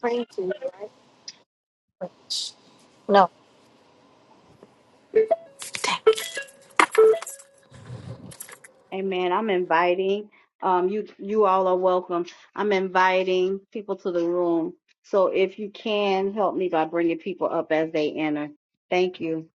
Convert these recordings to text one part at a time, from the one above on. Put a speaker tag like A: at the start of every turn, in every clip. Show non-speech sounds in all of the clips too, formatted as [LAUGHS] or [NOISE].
A: Praise No.
B: Amen. I'm inviting um you you all are welcome. I'm inviting people to the room. So if you can help me by bringing people up as they enter. Thank you.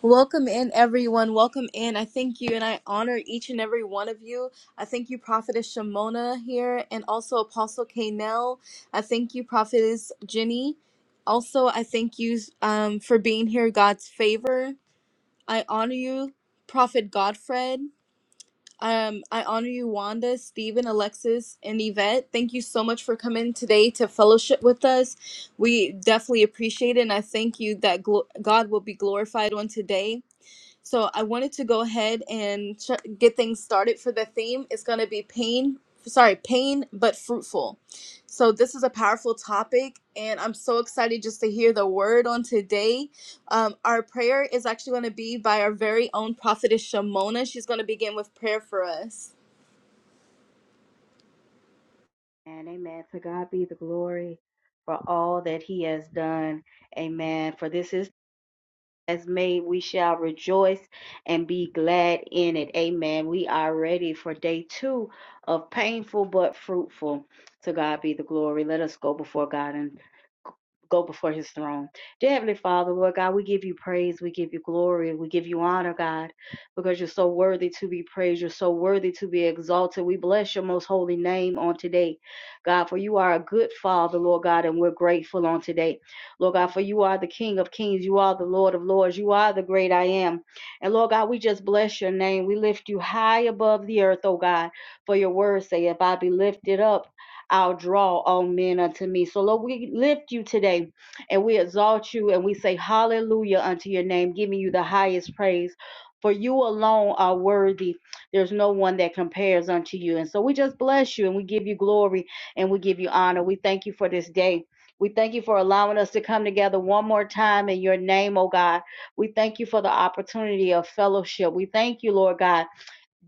C: Welcome in, everyone. Welcome in. I thank you and I honor each and every one of you. I thank you, Prophetess Shimona here, and also Apostle Kanell. I thank you, Prophetess Jenny. Also, I thank you um, for being here, God's favor. I honor you, Prophet Godfred. Um, I honor you, Wanda, Stephen, Alexis, and Yvette. Thank you so much for coming today to fellowship with us. We definitely appreciate it, and I thank you that glo- God will be glorified on today. So I wanted to go ahead and ch- get things started for the theme. It's going to be pain, sorry, pain but fruitful. So this is a powerful topic, and I'm so excited just to hear the word on today. Um, our prayer is actually going to be by our very own prophetess Shamona. She's going to begin with prayer for us.
B: And amen. To God be the glory for all that he has done. Amen. For this is has made, we shall rejoice and be glad in it. Amen. We are ready for day two of painful but fruitful. To God be the glory. Let us go before God and go before his throne. Dear Heavenly Father, Lord God, we give you praise, we give you glory, we give you honor, God, because you're so worthy to be praised, you're so worthy to be exalted. We bless your most holy name on today, God, for you are a good Father, Lord God, and we're grateful on today. Lord God, for you are the King of kings. You are the Lord of lords. You are the great I am. And Lord God, we just bless your name. We lift you high above the earth, oh God, for your word say, if I be lifted up, I'll draw all men unto me. So, Lord, we lift you today and we exalt you and we say hallelujah unto your name, giving you the highest praise. For you alone are worthy. There's no one that compares unto you. And so we just bless you and we give you glory and we give you honor. We thank you for this day. We thank you for allowing us to come together one more time in your name, oh God. We thank you for the opportunity of fellowship. We thank you, Lord God,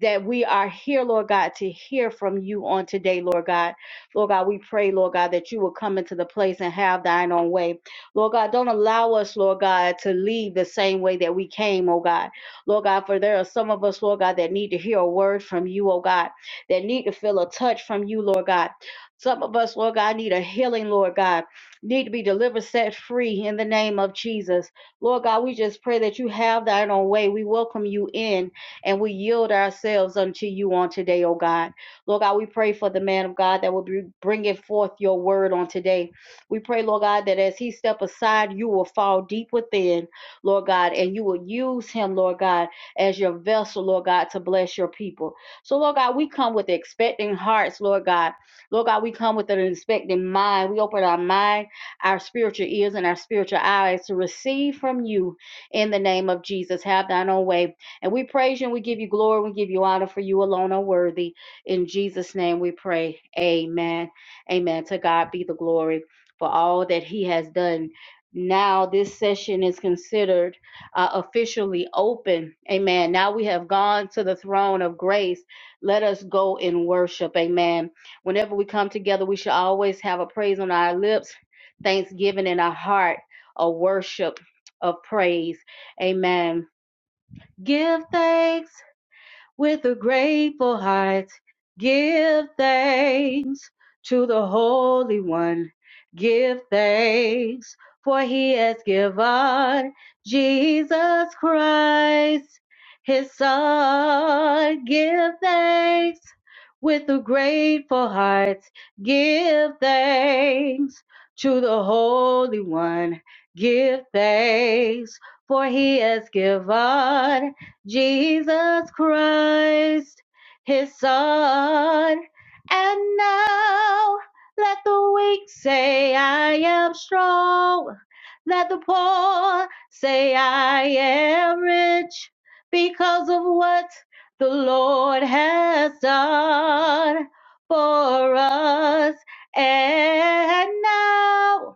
B: that we are here, Lord God, to hear from you on today, Lord God. Lord God, we pray, Lord God, that you will come into the place and have thine own way. Lord God, don't allow us, Lord God, to leave the same way that we came, oh God. Lord God, for there are some of us, Lord God, that need to hear a word from you, oh God, that need to feel a touch from you, Lord God. Some of us, Lord God, need a healing, Lord God, need to be delivered, set free in the name of Jesus. Lord God, we just pray that you have thine own way. We welcome you in and we yield ourselves unto you on today, oh God. Lord God, we pray for the man of God that will be bringing forth your word on today. We pray, Lord God, that as he step aside, you will fall deep within, Lord God, and you will use him, Lord God, as your vessel, Lord God, to bless your people. So, Lord God, we come with expecting hearts, Lord God. Lord God, we come with an expecting mind. We open our mind, our spiritual ears, and our spiritual eyes to receive from you in the name of Jesus. Have thine own way. And we praise you and we give you glory. We give you honor for you alone are worthy. In Jesus' name we pray. Amen. Amen. To God be the glory for all that he has done. Now this session is considered uh, officially open. Amen. Now we have gone to the throne of grace. Let us go in worship. Amen. Whenever we come together, we should always have a praise on our lips, thanksgiving in our heart, a worship of praise. Amen Give thanks with a grateful heart. Give thanks to the Holy One. Give thanks for he has given Jesus Christ, his son. Give thanks with a grateful heart. Give thanks to the Holy One. Give thanks for he has given Jesus Christ, his son. And now let the weak say, I am strong. Let the poor say, I am rich because of what the Lord has done for us. And now.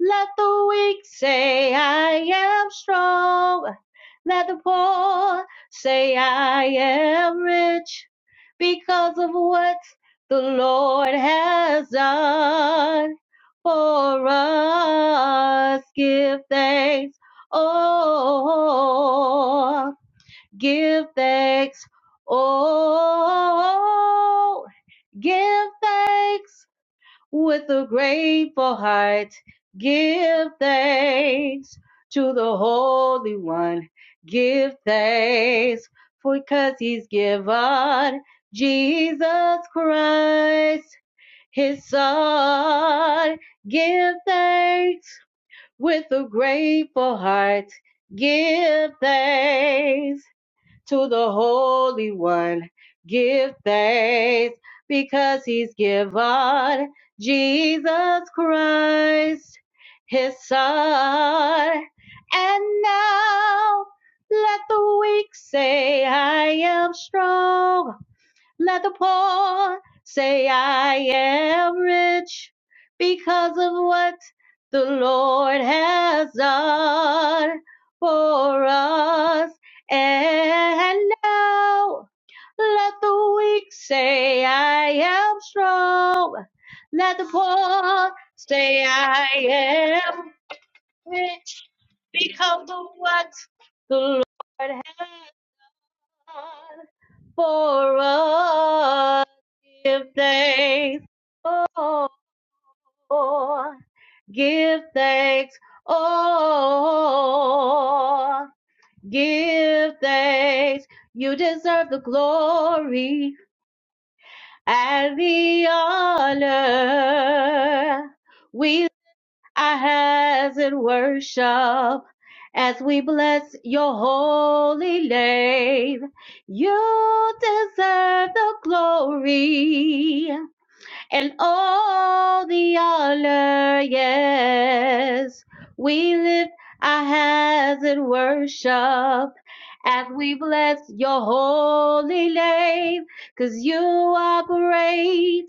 B: Let the weak say I am strong. Let the poor say I am rich because of what the Lord has done for us. Give thanks. Oh, give thanks. Oh, give thanks with a grateful heart. Give thanks to the Holy One. Give thanks for 'cause He's given Jesus Christ, His Son. Give thanks with a grateful heart. Give thanks to the Holy One. Give thanks because he's given Jesus Christ, his son. And now let the weak say, I am strong. Let the poor say I am rich because of what the Lord has done for us. And now let the weak say I am strong. Let the poor say I am rich because of what the Lord has done for us. Give thanks oh, give thanks, oh, give thanks. You deserve the glory and the honor. We lift our hands in worship as we bless your holy name. You deserve the glory and all the honor, yes. We lift our hands in worship as we bless your holy name. 'Cause you are great.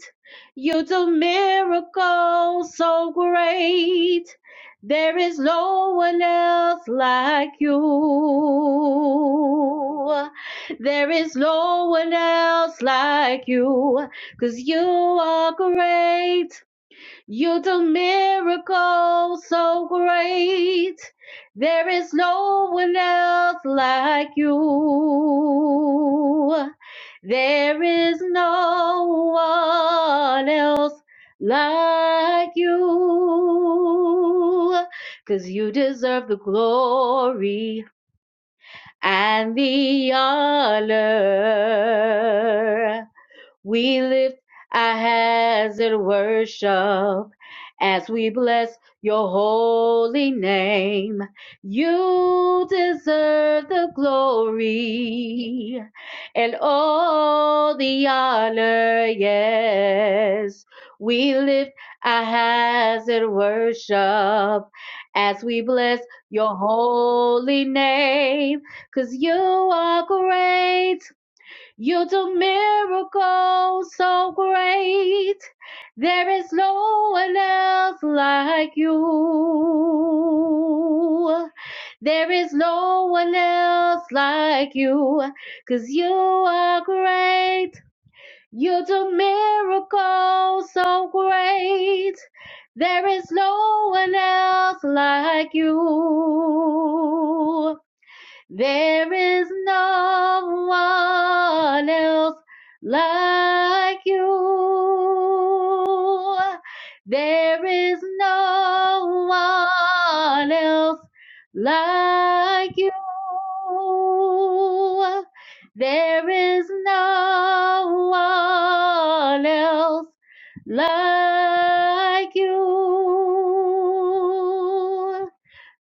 B: You do miracles so great. There is no one else like you. There is no one else like you. Cause you are great. You do miracles so great. There is no one else like you. There is no one else like you. 'Cause you deserve the glory and the honor. We lift our hands in worship as we bless your holy name. You deserve the glory and all the honor. Yes, we lift our hands in worship as we bless your holy name. 'Cause you are great you do miracles so great. There is no one else like you. There is no one else like you. 'Cause you are great. You do miracles so great. There is no one else like you. There is no one else like you. There is no one else like you. There is no one else like you.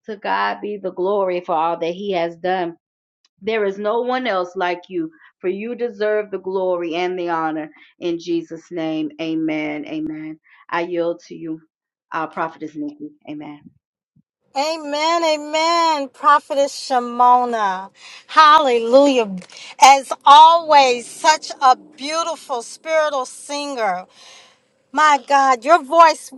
B: To God be the glory for all that He has done there is no one else like you, for you deserve the glory and the honor. In Jesus' name, amen. Amen. I yield to you, uh, Prophetess Nikki. Amen.
A: Amen, amen, Prophetess Shimona. Hallelujah. As always, such a beautiful spiritual singer. My God, your voice.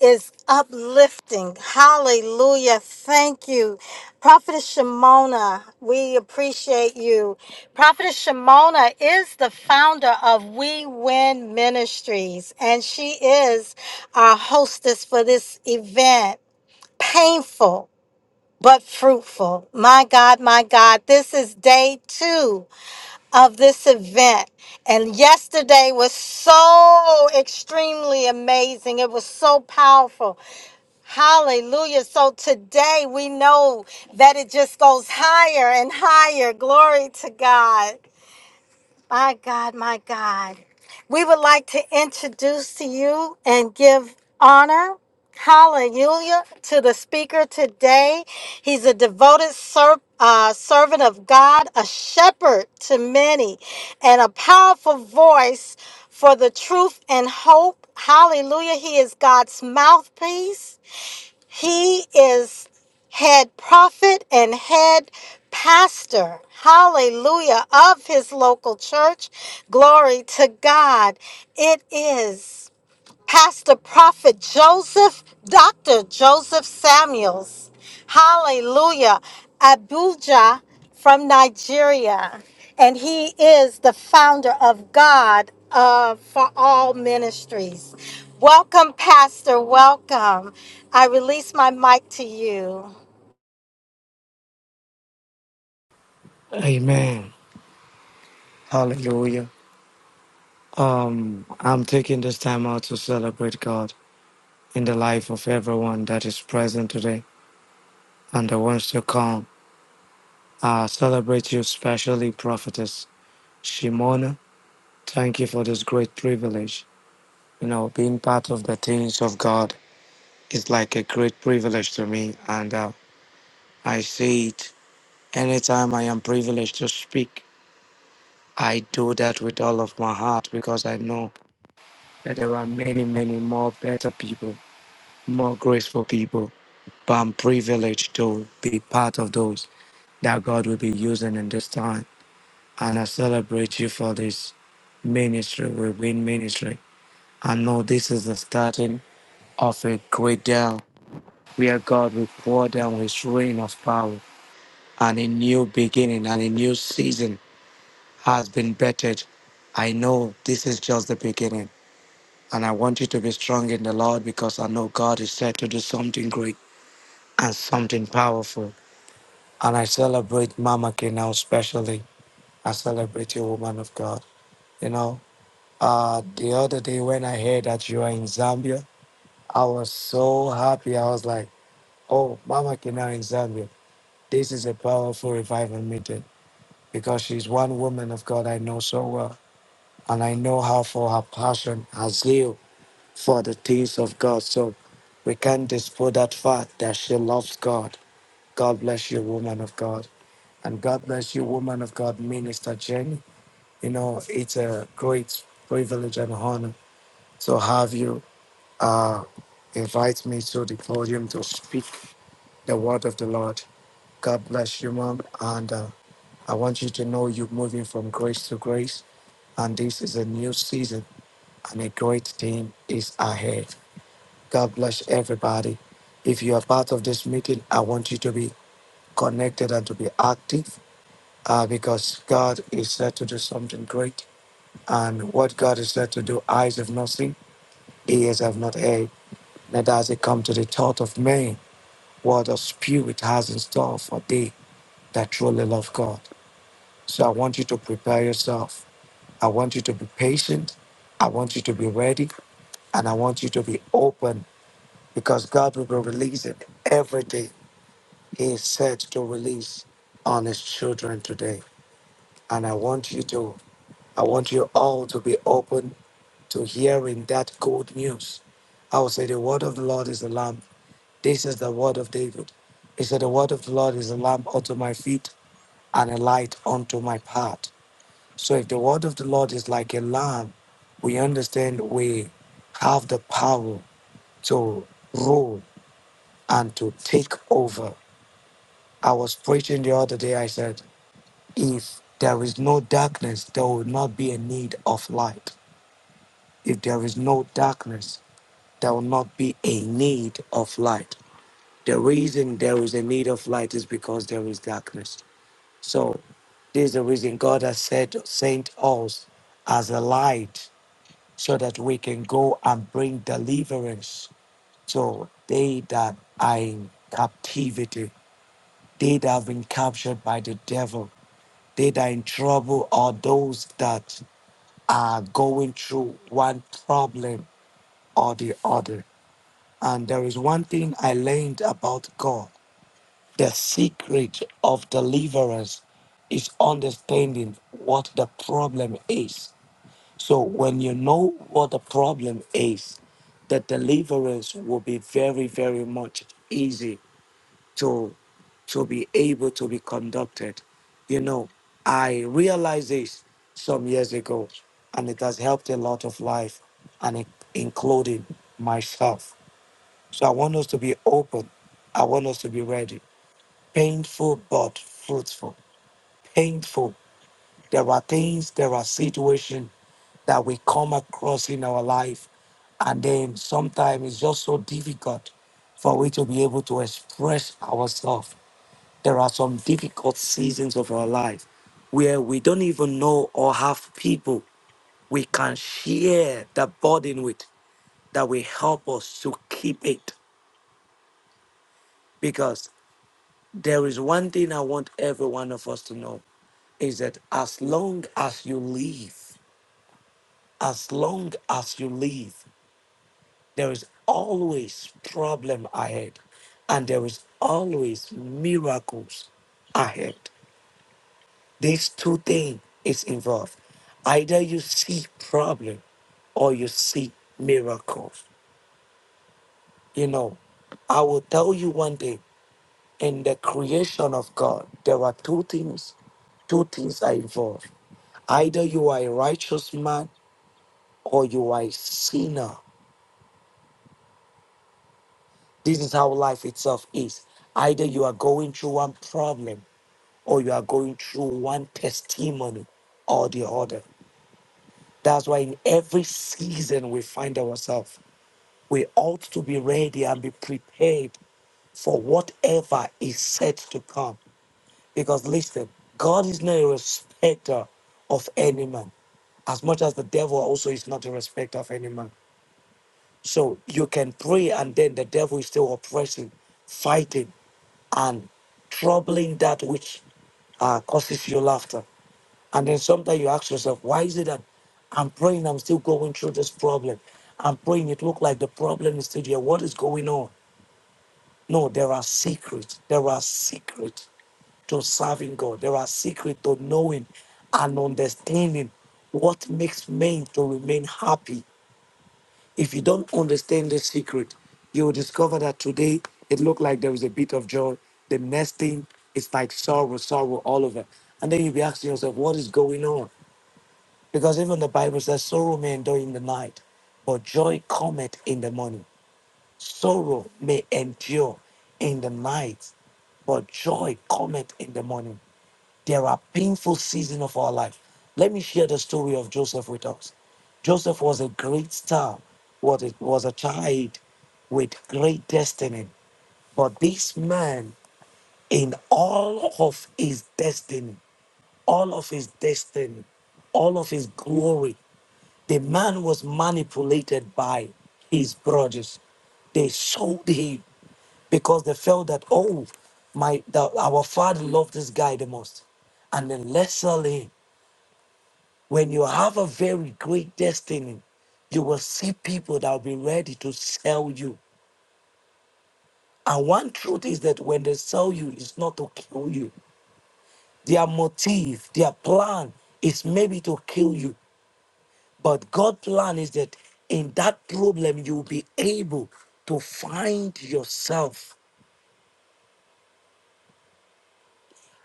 A: is uplifting. Hallelujah. Thank you. Prophetess Shimona, we appreciate you. Prophetess Shimona is the founder of We Win Ministries, and she is our hostess for this event. Painful. But fruitful. My God, my God, this is day two of this event. And yesterday was so extremely amazing. It was so powerful. Hallelujah. So today we know that it just goes higher and higher. Glory to God. My God, my God. We would like to introduce to you and give honor. Hallelujah to the speaker today. He's a devoted ser- uh, servant of God, a shepherd to many, and a powerful voice for the truth and hope. Hallelujah. He is God's mouthpiece. He is head prophet and head pastor. Hallelujah. Of his local church. Glory to God. It is. Pastor Prophet Joseph, Dr. Joseph Samuels. Hallelujah. Abuja from Nigeria. And he is the founder of God uh, for All Ministries. Welcome, Pastor. Welcome. I release my mic to you.
D: Amen. Hallelujah. Um, I'm taking this time out to celebrate God in the life of everyone that is present today and the ones to come. I celebrate you, especially Prophetess Shimona. Thank you for this great privilege. You know, being part of the things of God is like a great privilege to me, and uh, I see it anytime I am privileged to speak. I do that with all of my heart because I know that there are many, many more better people more graceful people. But I'm privileged to be part of those that God will be using in this time. And I celebrate you for this ministry, we win ministry. I know this is the starting of a great day where God will pour down his rain of power and a new beginning and a new season has been bettered. I know this is just the beginning. And I want you to be strong in the Lord because I know God is set to do something great and something powerful. And I celebrate Mama K now specially. I celebrate you, woman of God. You know, uh, the other day when I heard that you are in Zambia, I was so happy. I was like, oh, Mama K now in Zambia. This is a powerful revival meeting because she's one woman of God I know so well. And I know her for her passion, her zeal for the things of God. So we can't dispute that fact that she loves God. God bless you, woman of God. And God bless you, woman of God, Minister Jenny. You know, it's a great privilege and honor to have you uh, invite me to the podium to speak the word of the Lord. God bless you, Mom. And uh, I want you to know you're moving from grace to grace. And this is a new season, and a great thing is ahead. God bless everybody. If you are part of this meeting, I want you to be connected and to be active uh, because God is set to do something great. And what God is said to do, eyes have not seen, ears have not heard, neither has it come to the thought of man what the Spirit has in store for thee that truly love God. So I want you to prepare yourself. I want you to be patient. I want you to be ready. And I want you to be open because God will be releasing everything He is said to release on His children today. And I want you to, I want you all to be open to hearing that good news. I will say, The word of the Lord is a lamp. This is the word of David. He said, The word of the Lord is a lamp unto my feet and a light unto my path. So if the word of the Lord is like a lamp, we understand we have the power to rule and to take over. I was preaching the other day, I said, If there is no darkness, there will not be a need of light. If there is no darkness, there will not be a need of light. The reason there is a need of light is because there is darkness. So this is the reason God has said sent us as a light so that we can go and bring deliverance to they that are in captivity, they that have been captured by the devil, they that are in trouble or those that are going through one problem or the other. And there is one thing I learned about God The secret of deliverance is understanding what the problem is. So, when you know what the problem is, the deliverance will be very, very much easy to, to be able to be conducted. You know, I realized this some years ago, and it has helped a lot of life, and it, including myself. So, I want us to be open. I want us to be ready painful but fruitful. Painful. There are things, there are situations that we come across in our life, and then sometimes it's just so difficult for we to be able to express ourselves. There are some difficult seasons of our life where we don't even know or have people we can share the burden with that will help us to keep it because. There is one thing I want every one of us to know is that as long as you live, as long as you live, there is always problem ahead and there is always miracles ahead. These two things is involved. Either you see problem or you see miracles. You know, I will tell you one thing. in the creation of God, there are two things, two things are involved. Either you are a righteous man or you are a sinner. This is how life itself is. Either you are going through one problem or you are going through one testimony or the other. That's why in every season we find ourselves, we ought to be ready and be prepared for whatever is set to come. Because listen, God is not a respecter of any man, as much as the devil also is not a respecter of any man. So you can pray, and then the devil is still oppressing, fighting, and troubling that which uh, causes you laughter. And then sometimes you ask yourself, why is it that I'm praying, I'm still going through this problem? I'm praying, it look like the problem is still here. What is going on? No, there are secrets. There are secrets to serving God. There are secrets to knowing and understanding what makes men to remain happy. If you don't understand the secret, you will discover that today it looked like there was a bit of joy. The next thing is like sorrow, sorrow all over. And then you'll be asking yourself, what is going on? Because even the Bible says sorrow may endure in the night, but joy cometh in the morning. Sorrow may endure in the night, but joy cometh in the morning. There are painful seasons of our life. Let me share the story of Joseph with us. Joseph was a great star, was a, was a child with great destiny. But this man, in all of his destiny, all of his destiny, all of his glory, the man was manipulated by his brothers. They sold him because they felt that oh my that our father loved this guy the most and then lastly, when you have a very great destiny you will see people that will be ready to sell you and one truth is that when they sell you it's not to kill you their motive their plan is maybe to kill you but god's plan is that in that problem you will be able to find yourself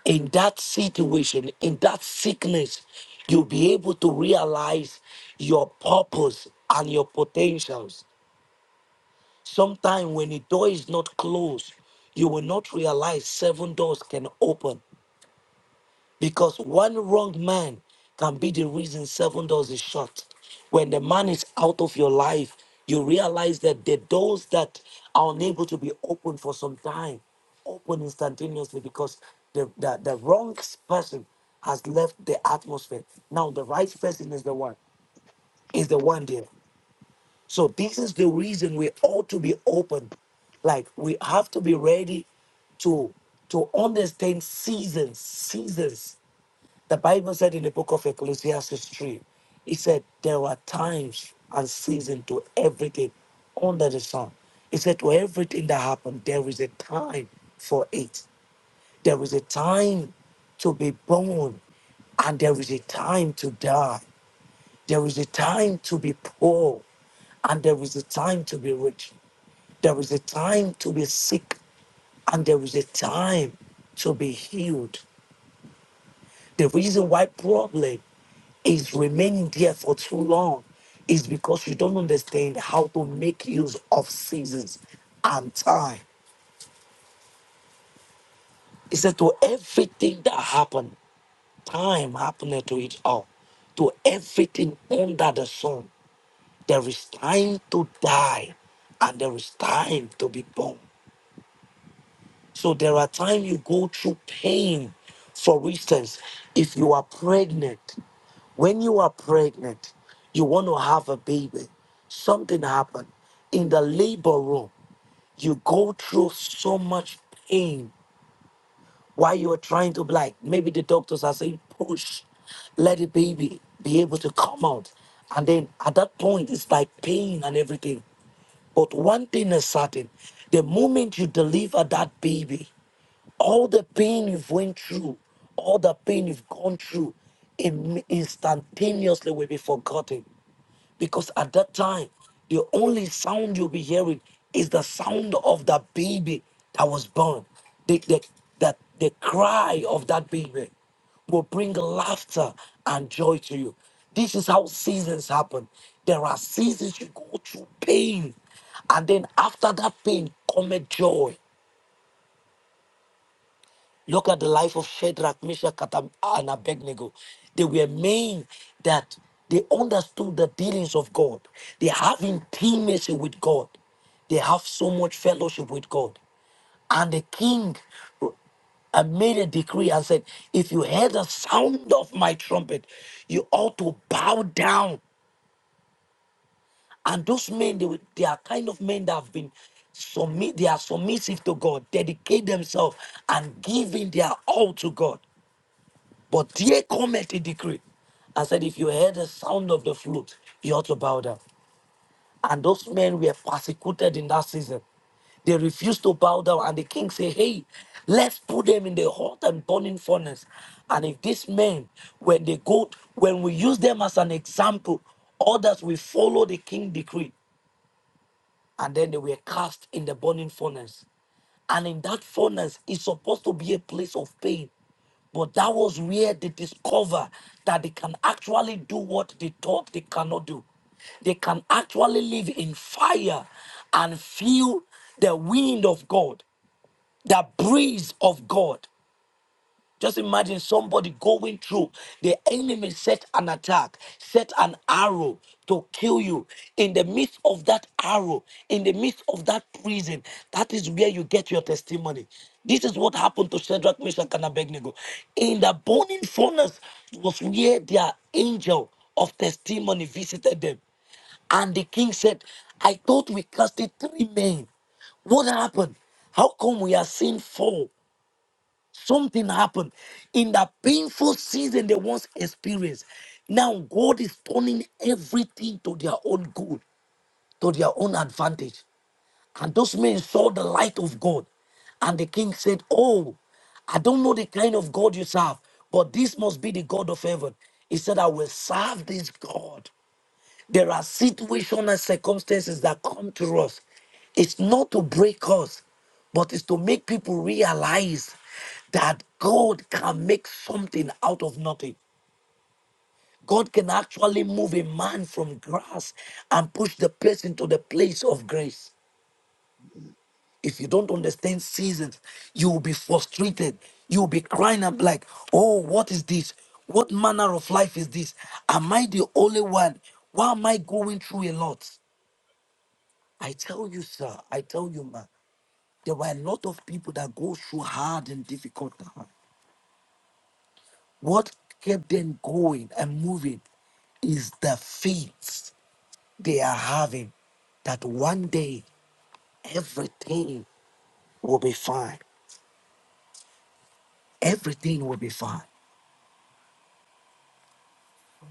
D: in that situation, in that sickness, you'll be able to realize your purpose and your potentials. Sometimes when a door is not closed, you will not realize seven doors can open because one wrong man can be the reason seven doors is shut. When the man is out of your life, you realize that the doors that are unable to be opened for some time open instantaneously because the, the, the wrong person has left the atmosphere. Now the right person is the one, is the one there. So this is the reason we ought to be open. Like we have to be ready to to understand seasons, seasons. The Bible said in the book of Ecclesiastes 3, it said there are times and seasons to everything under the sun. It said to everything that happened, there is a time for it. There is a time to be born, and there is a time to die. There is a time to be poor, and there is a time to be rich. There is a time to be sick, and there is a time to be healed. The reason why problem is remaining there for too long is because you don't understand how to make use of seasons and time. He said, To everything that happened, time happened to it all. To everything under the sun, there is time to die and there is time to be born. So there are times you go through pain. For instance, if you are pregnant, when you are pregnant, you want to have a baby, something happened. In the labor room, you go through so much pain while you are trying to, like, maybe the doctors are saying, push, let the baby be able to come out. And then at that point, it's like pain and everything. But one thing is certain the moment you deliver that baby, all the pain you've went through, all the pain you've gone through, im- instantaneously will be forgotten. Because at that time, the only sound you'll be hearing is the sound of the baby that was born. The, the, the, the cry of that baby will bring laughter and joy to you. This is how seasons happen. There are seasons you go through pain, and then after that pain, come a joy. Look at the life of Shadrach, Meshach, Katam- and Abednego. They were men that they understood the dealings of God. They have intimacy with God. They have so much fellowship with God. And the king uh, made a decree and said, If you hear the sound of my trumpet, you ought to bow down. And those men, they, were- they are kind of men that have been submit, they are submissive to God, dedicate themselves and giving their all to God. But there cometh a decree. I said, if you heard the sound of the flute, you ought to bow down. And those men were persecuted in that season. They refused to bow down. And the king said, hey, let's put them in the hot and burning furnace. And if these men, when they go, when we use them as an example, others will follow the king decree and then they were cast in the burning furnace. And in that furnace is supposed to be a place of pain. But that was where they discover that they can actually do what they thought they cannot do. They can actually live in fire and feel the wind of God, the breeze of God. Just imagine somebody going through. The enemy set an attack, set an arrow to kill you. In the midst of that arrow, in the midst of that prison, that is where you get your testimony. This is what happened to Shadrach, Meshach, and Abednego. In the burning furnace was where their angel of testimony visited them. And the king said, I thought we casted three men. What happened? How come we are seeing four? Something happened in that painful season they once experienced. Now God is turning everything to their own good, to their own advantage. And those men saw the light of God. And the king said, Oh, I don't know the kind of God you serve, but this must be the God of heaven. He said, I will serve this God. There are situations and circumstances that come to us. It's not to break us, but it's to make people realize that God can make something out of nothing. God can actually move a man from grass and push the person to the place of grace. If you don't understand seasons, you will be frustrated. You will be crying up like, oh, what is this? What manner of life is this? Am I the only one? Why am I going through a lot? I tell you, sir, I tell you, man, there were a lot of people that go through hard and difficult times. What kept them going and moving is the faith they are having that one day everything will be fine. Everything will be fine.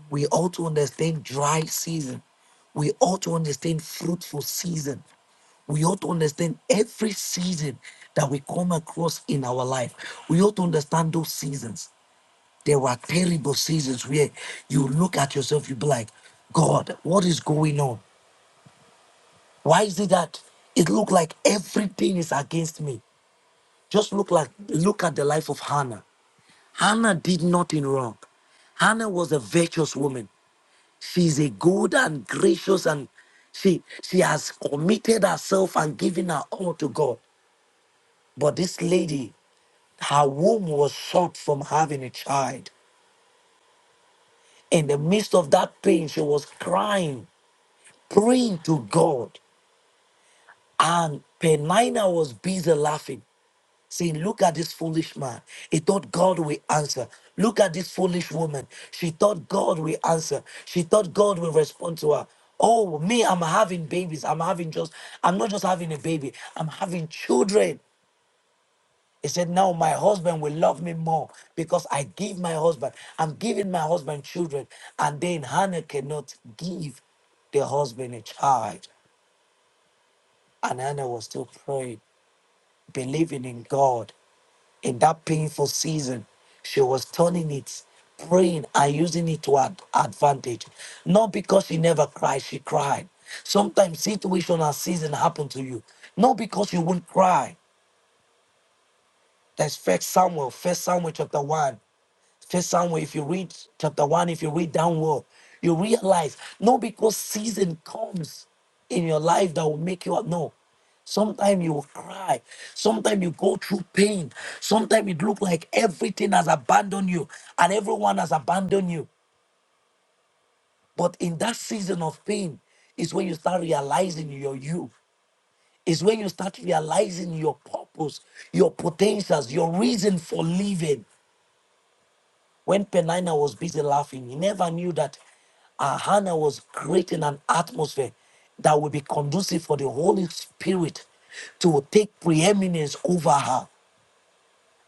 D: We ought to understand dry season. We ought to understand fruitful season we ought to understand every season that we come across in our life. We ought to understand those seasons. There were terrible seasons where you look at yourself, you be like, God, what is going on? Why is it that it looked like everything is against me? Just look like look at the life of Hannah. Hannah did nothing wrong. Hannah was a virtuous woman. She's a good and gracious and she she has committed herself and given her all to God. But this lady, her womb was short from having a child. In the midst of that pain, she was crying. praying to God. And Penina was busy laughing, saying, Look at this foolish man. He thought God will answer. Look at this foolish woman. She thought God will answer. She thought God will respond to her. Oh, me, I'm having babies. I'm having just, I'm not just having a baby, I'm having children. He said, Now my husband will love me more because I give my husband, I'm giving my husband children. And then Hannah cannot give the husband a child. And Anna was still praying, believing in God in that painful season. She was turning it, praying and using it to her advantage. Not because she never cried, she cried. Sometimes situation and season happen to you. Not because you won't cry. That's first Samuel, first Samuel chapter 1. First Samuel, if you read chapter one, if you read downward, you realize not because season comes in your life that will make you up. No. Sometimes you will cry. Sometimes you go through pain. Sometimes it looks like everything has abandoned you and everyone has abandoned you. But in that season of pain is when you start realizing your you. Is when you start realizing your purpose, your potentials, your reason for living. When Penina was busy laughing, he never knew that uh, Hannah was creating an atmosphere that would be conducive for the Holy Spirit to take preeminence over her.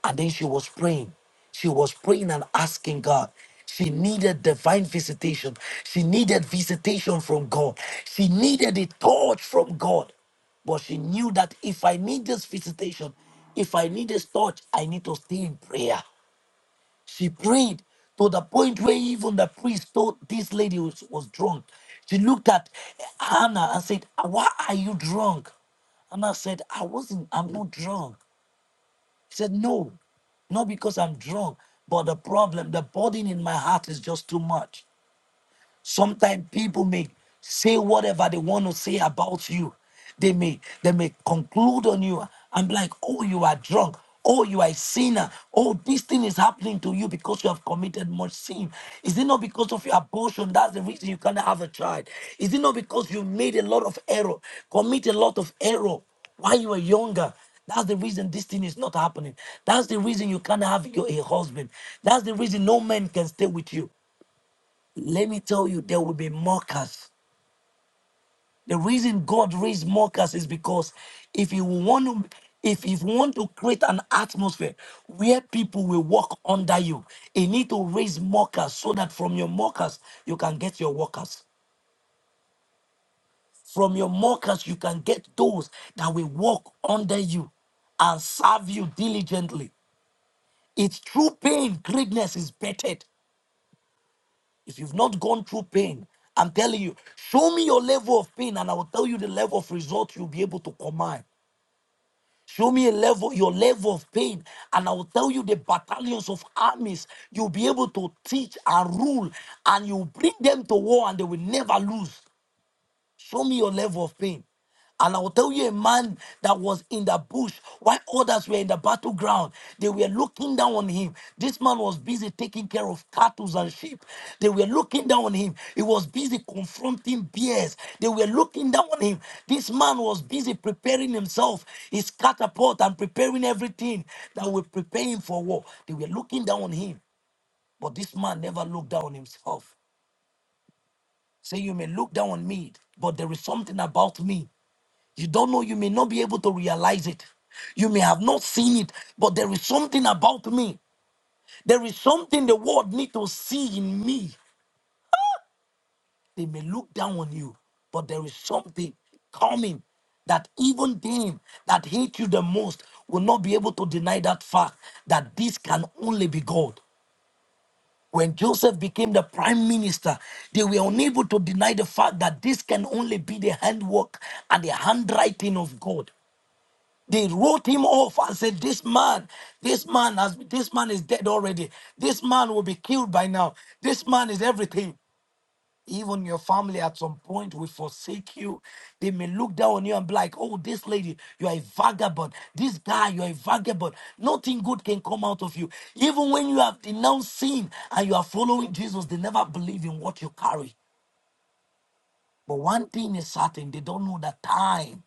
D: And then she was praying. She was praying and asking God. She needed divine visitation. She needed visitation from God. She needed a touch from God. But she knew that if I need this visitation, if I need this touch, I need to stay in prayer. She prayed to the point where even the priest thought this lady was, was drunk. She looked at Hannah and said, Why are you drunk? Hannah said, I wasn't, I'm not drunk. He said, No, not because I'm drunk, but the problem, the burden in my heart is just too much. Sometimes people may say whatever they want to say about you. They may they may conclude on you. I'm like, oh, you are drunk. Oh, you are a sinner. Oh, this thing is happening to you because you have committed much sin. Is it not because of your abortion? That's the reason you can't have a child. Is it not because you made a lot of error, commit a lot of error while you were younger? That's the reason this thing is not happening. That's the reason you can't have your a husband. That's the reason no man can stay with you let me tell you, there will be mockers. The reason God raised mockers is because if you want to, if you want to create an atmosphere where people will walk under you, you need to raise mockers so that from your mockers you can get your workers. From your mockers you can get those that will walk under you and serve you diligently. It's through pain, greatness is bettered. If you've not gone through pain, I'm telling you, show me your level of pain and I will tell you the level of result you'll be able to command. Show me a level, your level of pain, and I will tell you the battalions of armies you'll be able to teach and rule, and you bring them to war and they will never lose. Show me your level of pain. And I will tell you a man that was in the bush while others were in the battleground. They were looking down on him. This man was busy taking care of cattle and sheep. They were looking down on him. He was busy confronting bears. They were looking down on him. This man was busy preparing himself, his catapult, and preparing everything that will prepare him for war. They were looking down on him. But this man never looked down on himself. Say, you may look down on me, but there is something about me. You don't know, you may not be able to realize it. You may have not seen it, but there is something about me. There is something the world need to see in me. They may look down on you, but there is something coming that even them that hate you the most will not be able to deny that fact that this can only be God. When Joseph became the prime minister, they were unable to deny the fact that this can only be the handwork and the handwriting of God. They wrote him off and said, "This man, this man has, this man is dead already. This man will be killed by now. This man is everything. Even your family at some point will forsake you. They may look down on you and be like, "Oh, this lady, you are a vagabond. This guy, you are a vagabond. Nothing good can come out of you. Even when you have denounced sin and you are following Jesus, they never believe in what you carry. But one thing is certain, they don't know the time.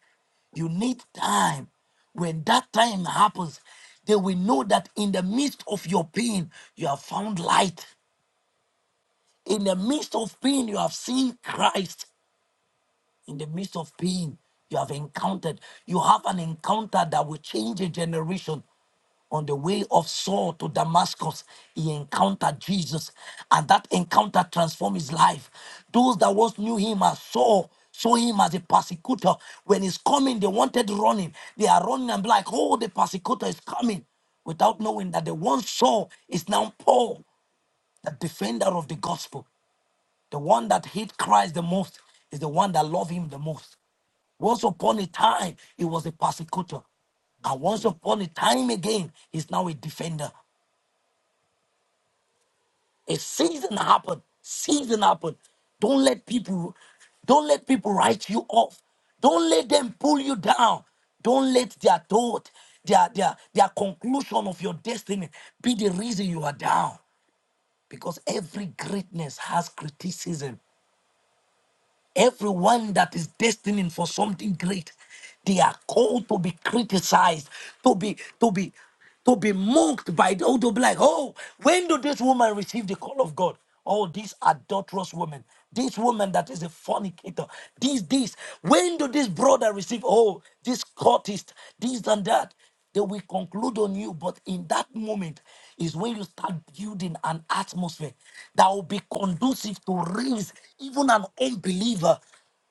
D: You need time. When that time happens, they will know that in the midst of your pain, you have found light. In the midst of pain, you have seen Christ in the midst of pain you have encountered. You have an encounter that will change a generation. On the way of Saul to Damascus, he encountered Jesus, and that encounter transformed his life. Those that once knew him as Saul saw him as a persecutor. When he's coming, they wanted running. They are running and be like, oh, the persecutor is coming, without knowing that the one Saul is now Paul, the defender of the gospel. The one that hate Christ the most is the one that love him the most. Once upon a time, he was a persecutor. And once upon a time again, he's now a defender. A season happened. Season happened. Don't let people, don't let people write you off. Don't let them pull you down. Don't let their thought, their, their, their conclusion of your destiny be the reason you are down. Because every greatness has criticism. Everyone that is destined for something great, they are called to be criticized, to be to be to be mocked by the to be like, oh, when did this woman receive the call of God? Oh, this adulterous woman, this woman that is a fornicator, this, this. When did this brother receive? Oh, this courtist, this and that. They will conclude on you, but in that moment is when you start building an atmosphere that will be conducive to raise even an unbeliever.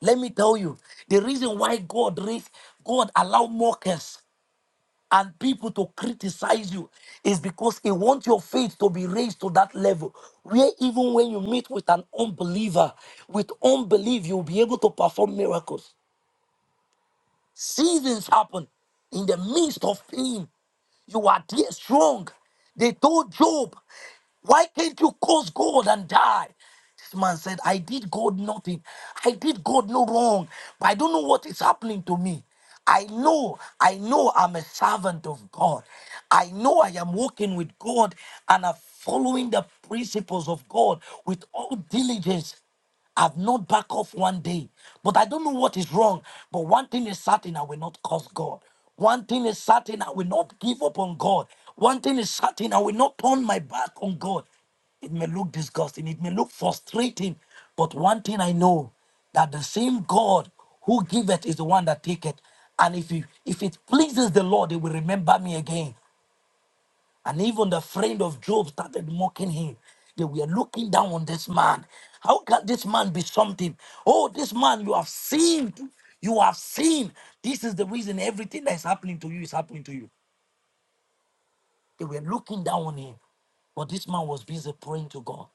D: Let me tell you, the reason why God raise, God allow mockers and people to criticize you is because he wants your faith to be raised to that level where even when you meet with an unbeliever, with unbelief, you'll be able to perform miracles. Seasons happen in the midst of pain. You are there strong. They told Job, Why can't you curse God and die? This man said, I did God nothing. I did God no wrong. But I don't know what is happening to me. I know, I know I'm a servant of God. I know I am walking with God and I'm following the principles of God with all diligence. I've not back off one day, but I don't know what is wrong. But one thing is certain, I will not curse God. One thing is certain, I will not give up on God. One thing is certain, I will not turn my back on God. It may look disgusting, it may look frustrating, but one thing I know that the same God who giveth is the one that taketh. And if you, if it pleases the Lord, He will remember me again. And even the friend of Job started mocking him. They were looking down on this man. How can this man be something? Oh, this man, you have sinned. You have sinned. This is the reason everything that is happening to you is happening to you. They were looking down on him. But this man was busy praying to God.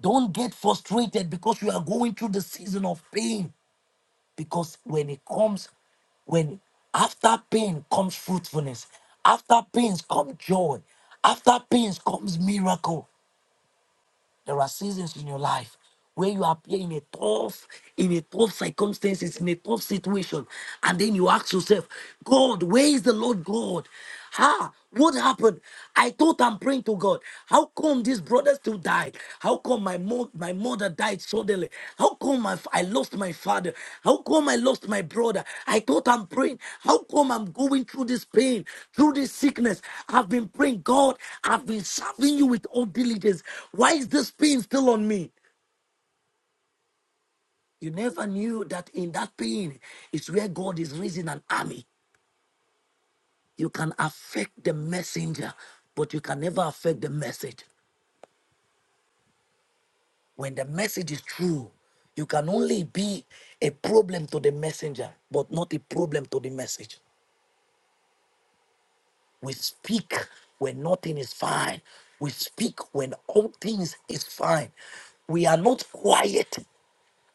D: Don't get frustrated because you are going through the season of pain. Because when it comes, when after pain comes fruitfulness, after pains comes joy, after pains comes miracle. There are seasons in your life where you appear in a tough, in a tough circumstances, in a tough situation, and then you ask yourself, God, where is the Lord God? Ha! What happened? I thought I'm praying to God. How come these brother still died? How come my my, mo- my mother died suddenly? How come my f- I lost my father? How come I lost my brother? I thought I'm praying. How come I'm going through this pain, through this sickness? I've been praying, God, I've been serving you with all diligence. Why is this pain still on me? You never knew that in that pain is where God is raising an army. You can affect the messenger, but you can never affect the message. When the message is true, you can only be a problem to the messenger, but not a problem to the message. We speak when nothing is fine. We speak when all things is fine. We are not quiet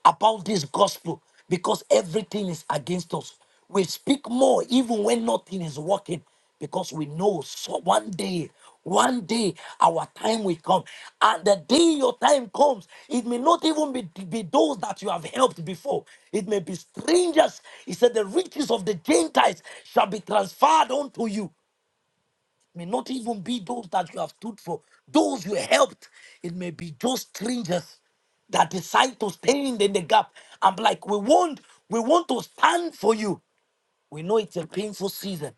D: about this gospel because everything is against us. We speak more even when nothing is working because we know so one day, one day our time will come. And the day your time comes, it may not even be, be those that you have helped before, it may be strangers. He said, The riches of the Gentiles shall be transferred unto you may not even be those that you have stood for, those you helped. It may be just strangers that decide to stand in the gap. I'm like, we want, we want to stand for you. We know it's a painful season.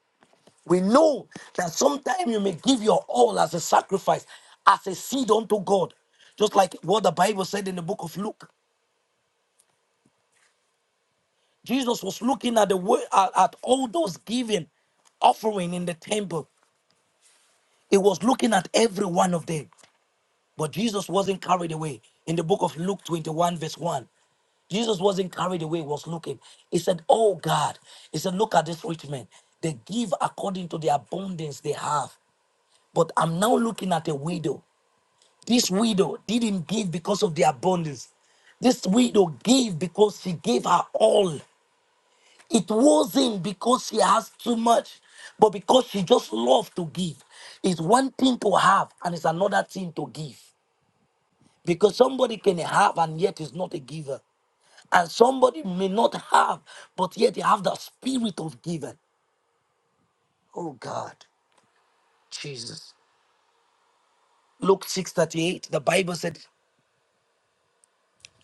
D: We know that sometimes you may give your all as a sacrifice, as a seed unto God. Just like what the Bible said in the book of Luke. Jesus was looking at the wo- at, at all those giving offering in the temple. He was looking at every one of them. But Jesus wasn't carried away. In the book of Luke 21, verse 1, Jesus wasn't carried away, was looking. He said, Oh God, he said, Look at this rich man. They give according to the abundance they have. But I'm now looking at a widow. This widow didn't give because of the abundance. This widow gave because she gave her all. It wasn't because she has too much, but because she just loved to give. It's one thing to have, and it's another thing to give. Because somebody can have and yet is not a giver. And somebody may not have, but yet they have the spirit of giving. Oh God, Jesus. Luke 6:38, the Bible said,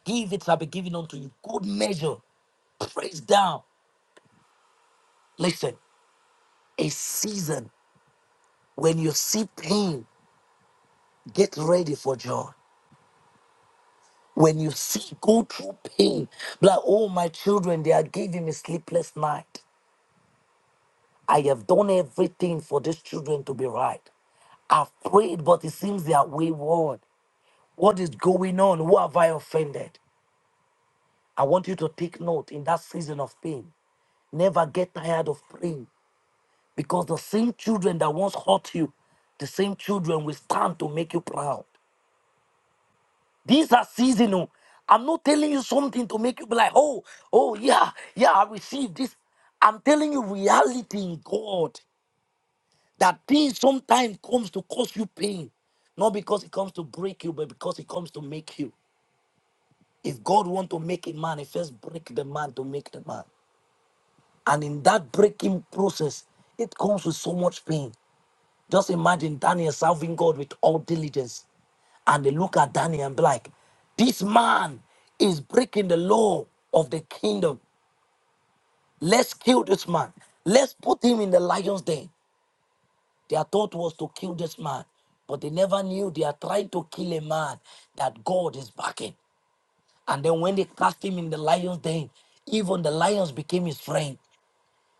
D: Give it shall be given unto you. Good measure. Press down. Listen, a season when you see pain, get ready for joy. When you see go through pain, be like, oh my children, they are giving me sleepless night. I have done everything for these children to be right. I've prayed, but it seems they are wayward. What is going on? Who have I offended? I want you to take note in that season of pain. Never get tired of praying because the same children that once hurt you, the same children will stand to make you proud. These are seasonal. I'm not telling you something to make you be like, oh, oh, yeah, yeah, I received this. I'm telling you reality in God. That pain sometimes comes to cause you pain, not because it comes to break you, but because it comes to make you. If God want to make a man, he first break the man to make the man. And in that breaking process, it comes with so much pain. Just imagine Daniel serving God with all diligence. And they look at Daniel and be like, this man is breaking the law of the kingdom. Let's kill this man. Let's put him in the lion's den. Their thought was to kill this man, but they never knew they are trying to kill a man that God is backing. And then when they cast him in the lion's den, even the lions became his friend.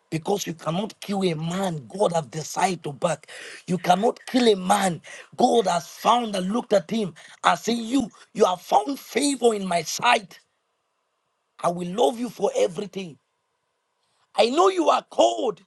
D: Because you cannot kill a man God have decided to back. You cannot kill a man God has found and looked at him and said, You, you have found favor in my sight. I will love you for everything. I know you are cold,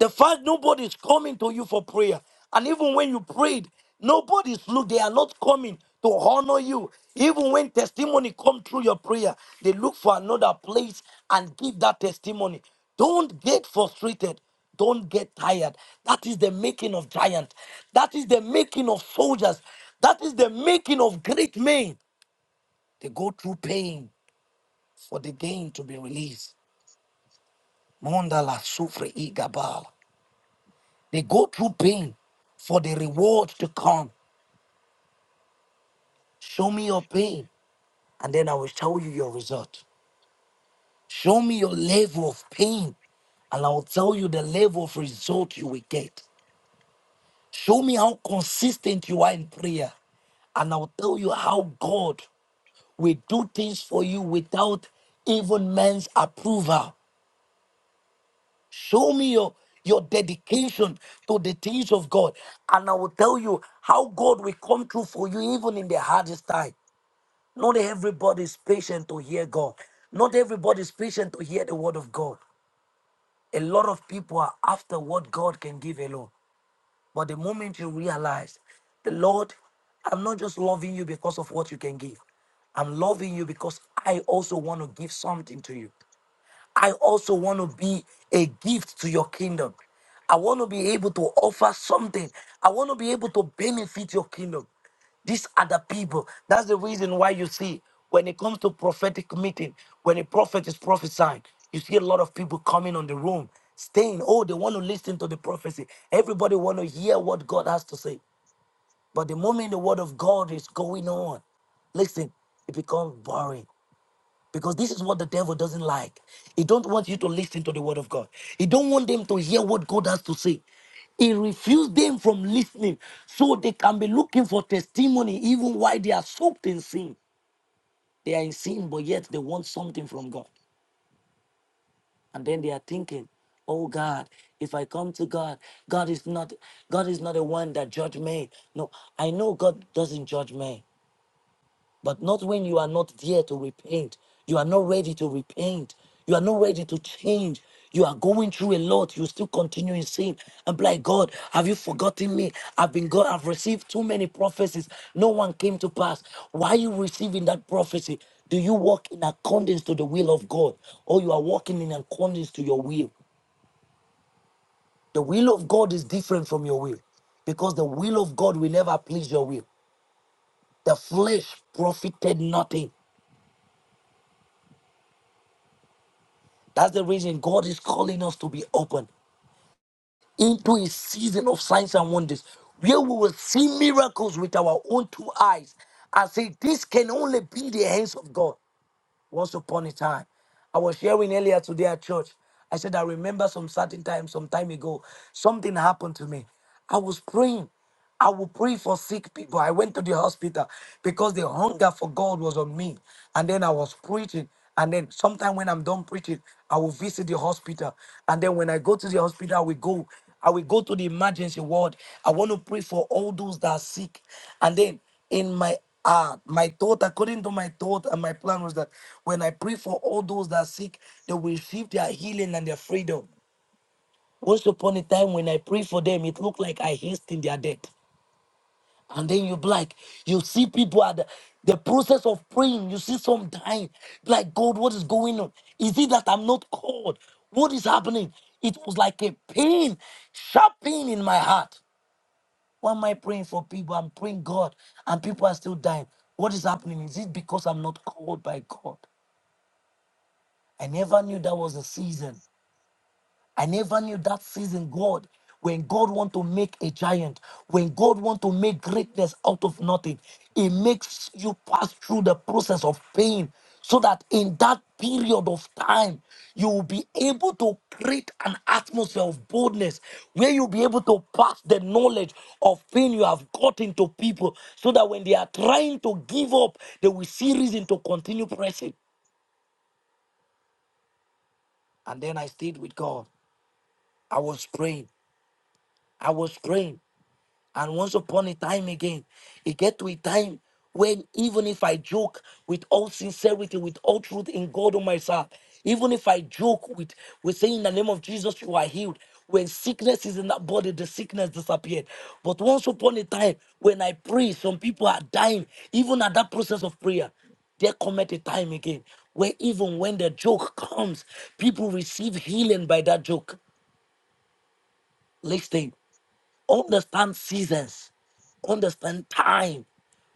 D: The fact nobody's coming to you for prayer. And even when you prayed, nobody's look, they are not coming to honor you. Even when testimony come through your prayer, they look for another place and give that testimony. Don't get frustrated. Don't get tired. That is the making of giants. That is the making of soldiers. That is the making of great men. They go through pain for the gain to be released. Mondala sufre igabal. They go through pain for the reward to come. Show me your pain, and then I will show you your result. Show me your level of pain, and I will tell you the level of result you will get. Show me how consistent you are in prayer, and I will tell you how God will do things for you without even man's approval. Show me your, your dedication to the things of God, and I will tell you how God will come through for you even in the hardest time. Not everybody is patient to hear God. Not everybody is patient to hear the word of God. A lot of people are after what God can give alone. But the moment you realize, the Lord, I'm not just loving you because of what you can give. I'm loving you because I also want to give something to you. I also want to be a gift to your kingdom. I want to be able to offer something. I want to be able to benefit your kingdom. These are the people. That's the reason why you see when it comes to prophetic meeting, when a prophet is prophesying, you see a lot of people coming on the room, staying. Oh, they want to listen to the prophecy. Everybody want to hear what God has to say. But the moment the word of God is going on, listen, it becomes boring because this is what the devil doesn't like he don't want you to listen to the word of god he don't want them to hear what god has to say he refused them from listening so they can be looking for testimony even while they are soaked in sin they are in sin but yet they want something from god and then they are thinking oh god if i come to god god is not god is not the one that judge me no i know god doesn't judge me But not when you are not there to repent. You are not ready to repent. You are not ready to change. You are going through a lot. You still continue in sin. I'm like, God, have you forgotten me? I've been God. I've received too many prophecies. No one came to pass. Why are you receiving that prophecy? Do you walk in accordance to the will of God? Or you are walking in accordance to your will? The will of God is different from your will because the will of God will never please your will. The flesh profited nothing. That's the reason God is calling us to be open into a season of signs and wonders where we will see miracles with our own two eyes and say, This can only be the hands of God once upon a time. I was sharing earlier today at church. I said, I remember some certain time, some time ago, something happened to me. I was praying. I would pray for sick people. I went to the hospital because the hunger for God was on me. And then I was preaching. And then sometime when I'm done preaching, I will visit the hospital. And then when I go to the hospital, we go. I will go to the emergency ward. I want to pray for all those that are sick. And then in my Ah, my thought, according to my thought and my plan was that when I pray for all those that are sick, they will receive their healing and their freedom. Once upon a time, when I pray for them, it looked like I hasten their death. And then you be like, you see people at the, the process of praying, you see some dying. Like, God, what is going on? Is it that I'm not called? What is happening? It was like a pain, sharp pain in my heart. Why am I praying for people? I'm praying God, and people are still dying. What is happening? Is it because I'm not called by God? I never knew that was the season. I never knew that season, God. When God want to make a giant, when God want to make greatness out of nothing, it makes you pass through the process of pain so that in that period of time, you will be able to create an atmosphere of boldness where you'll be able to pass the knowledge of pain you have gotten to people so that when they are trying to give up, they will see reason to continue pressing. And then I stayed with God. I was praying. I was praying. And once upon a time again, it get to a time when even if I joke with all sincerity, with all truth in God on myself, even if I joke with, with saying in the name of Jesus, you are healed. When sickness is in that body, the sickness disappeared. But once upon a time, when I pray, some people are dying, even at that process of prayer there cometh a time again where even when the joke [LAUGHS] comes, people receive healing by that joke. Listen, Understand seasons, understand time.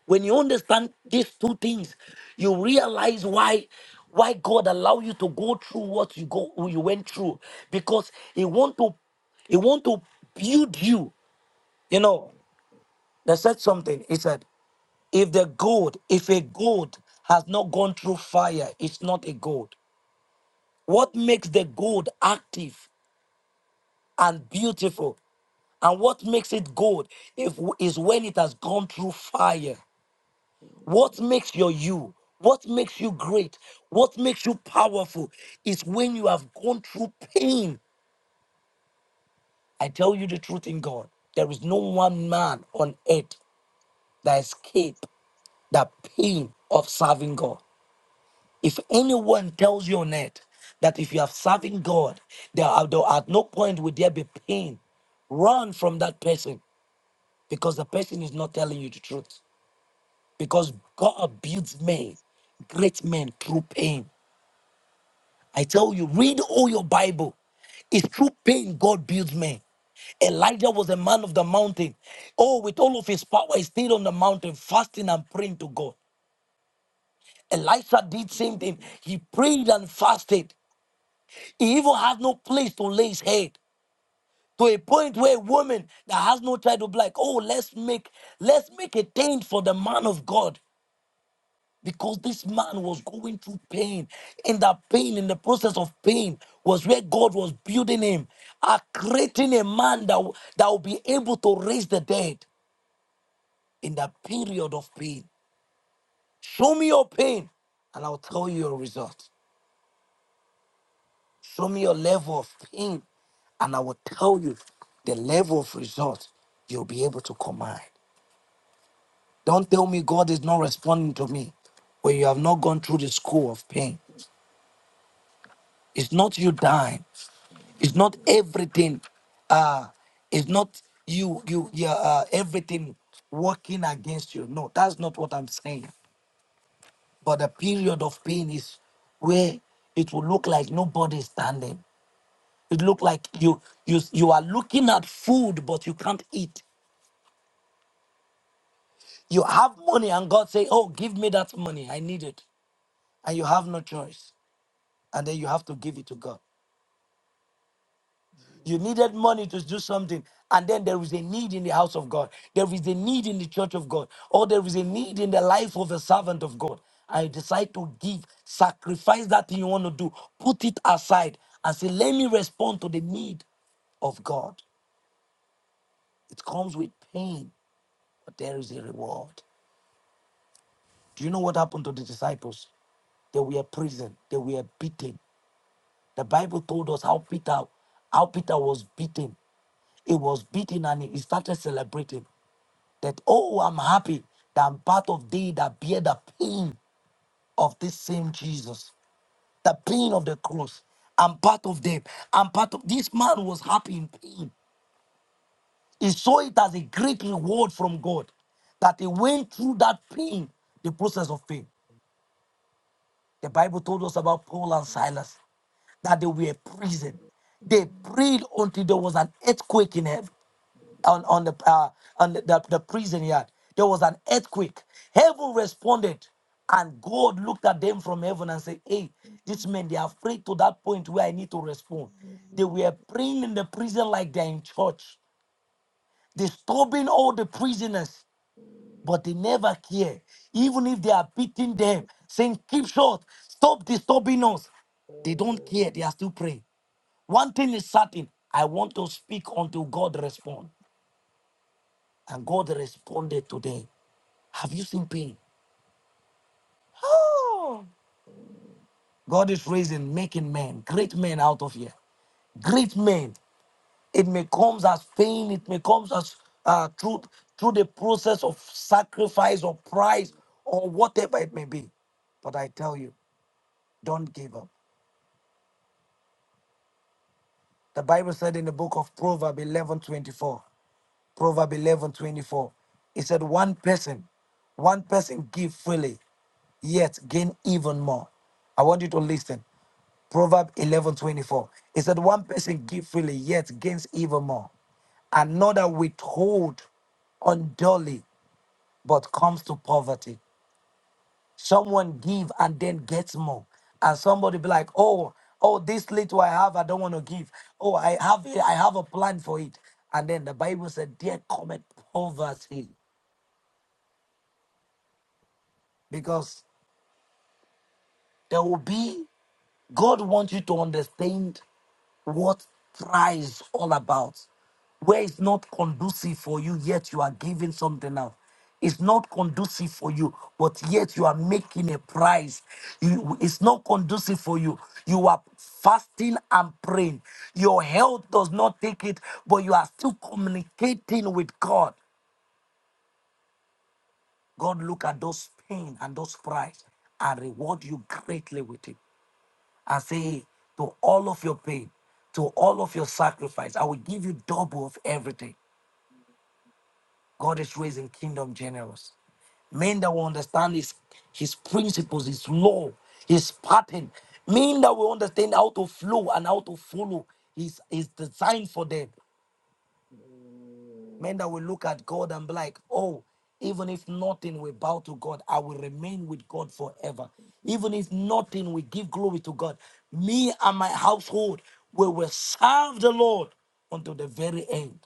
D: When you understand these two things, you realize why why God allow you to go through what you go you went through because He want to He want to build you. You know, they said something. He said, "If the gold, if a gold has not gone through fire, it's not a gold. What makes the gold active and beautiful And what makes it gold if, is when it has gone through fire. What makes your you? What makes you great? What makes you powerful is when you have gone through pain. I tell you the truth in God. There is no one man on earth that escape the pain of serving God. If anyone tells you on earth that if you are serving God, there are, there at no point will there be pain, run from that person because the person is not telling you the truth. because God builds men, great men through pain. I tell you, read all your Bible. It's through pain God builds men. Elijah was a man of the mountain. Oh, with all of his power, he stayed on the mountain fasting and praying to God. Elisha did same thing. He prayed and fasted. He even had no place to lay his head. To a point where a woman that has no child will be like, oh, let's make let's make a tent for the man of God. because this man was going through pain and that pain in the process of pain was where god was building him uh, creating a man that, w- that will be able to raise the dead in that period of pain show me your pain and i'll tell you your result show me your level of pain and i will tell you the level of result you'll be able to command don't tell me god is not responding to me when you have not gone through the school of pain it's not you dying It's not everything. Uh, it's not you. You. Yeah. Uh, everything working against you. No, that's not what I'm saying. But the period of pain is where it will look like nobody's standing. It look like you. You. You are looking at food, but you can't eat. You have money, and God say, "Oh, give me that money. I need it," and you have no choice. And then you have to give it to God. You needed money to do something. And then there is a need in the house of God. There is a need in the church of God. Or there is a need in the life of a servant of God. I decide to give, sacrifice that thing you want to do, put it aside and say, let me respond to the need of God. It comes with pain, but there is a reward. Do you know what happened to the disciples? They were imprisoned. They were beaten. The Bible told us how Peter, how Peter was beaten. He was beaten and he started celebrating. that, oh, I'm happy that I'm part of they that bear the pain of this same Jesus, the pain of the cross. I'm part of them. I'm part of this man was happy in pain. He saw it as a great reward from God that he went through that pain, the process of pain. The Bible told us about Paul and Silas that they were in prison. They prayed until there was an earthquake in heaven. on on the uh, on the, the, the prison yard. There was an earthquake. Heaven responded, and God looked at them from heaven and said, "Hey, these men they are afraid to that point where I need to respond. They were praying in the prison like they're in church, disturbing all the prisoners, but they never care. Even if they are beating them, saying, "Keep short, stop disturbing us," they don't care. They are still praying. One thing is certain: I want to speak until God responds. And God responded to them. Have you seen pain? Oh, God is raising, making men, great men out of here. Great men. It may come as pain, it may come as uh, through, through the process of sacrifice or price or whatever it may be. But I tell you, don't give up. The Bible said in the book of Proverbs eleven twenty four. Proverb eleven twenty four. It said, One person, one person give freely, yet gain even more. I want you to listen. Proverb eleven twenty four. It said, One person give freely, yet gains even more. Another withhold unduly, but comes to poverty. Someone give and then gets more. And somebody be like, oh, oh, this little I have, I don't want to give. Oh, I have it, I have a plan for it. And then the Bible said, there cometh poverty. Because There will be, God wants you to understand what Thrive is all about. Where it's not conducive for you, yet you are giving something out. It's not conducive for you, but yet you are making a price. You, it's not conducive for you. You are fasting and praying. Your health does not take it, but you are still communicating with God. God look at those pain and those price and reward you greatly with it. I say, to all of your pain, to all of your sacrifice, I will give you double of everything. God is raising kingdom generous. Men that will understand his, his principles, his law, his pattern. Men that will understand how to flow and how to follow his, his design for them. Men that will look at God and be like, oh, even if nothing we bow to God, I will remain with God forever. Even if nothing we give glory to God, me and my household we will serve the Lord until the very end.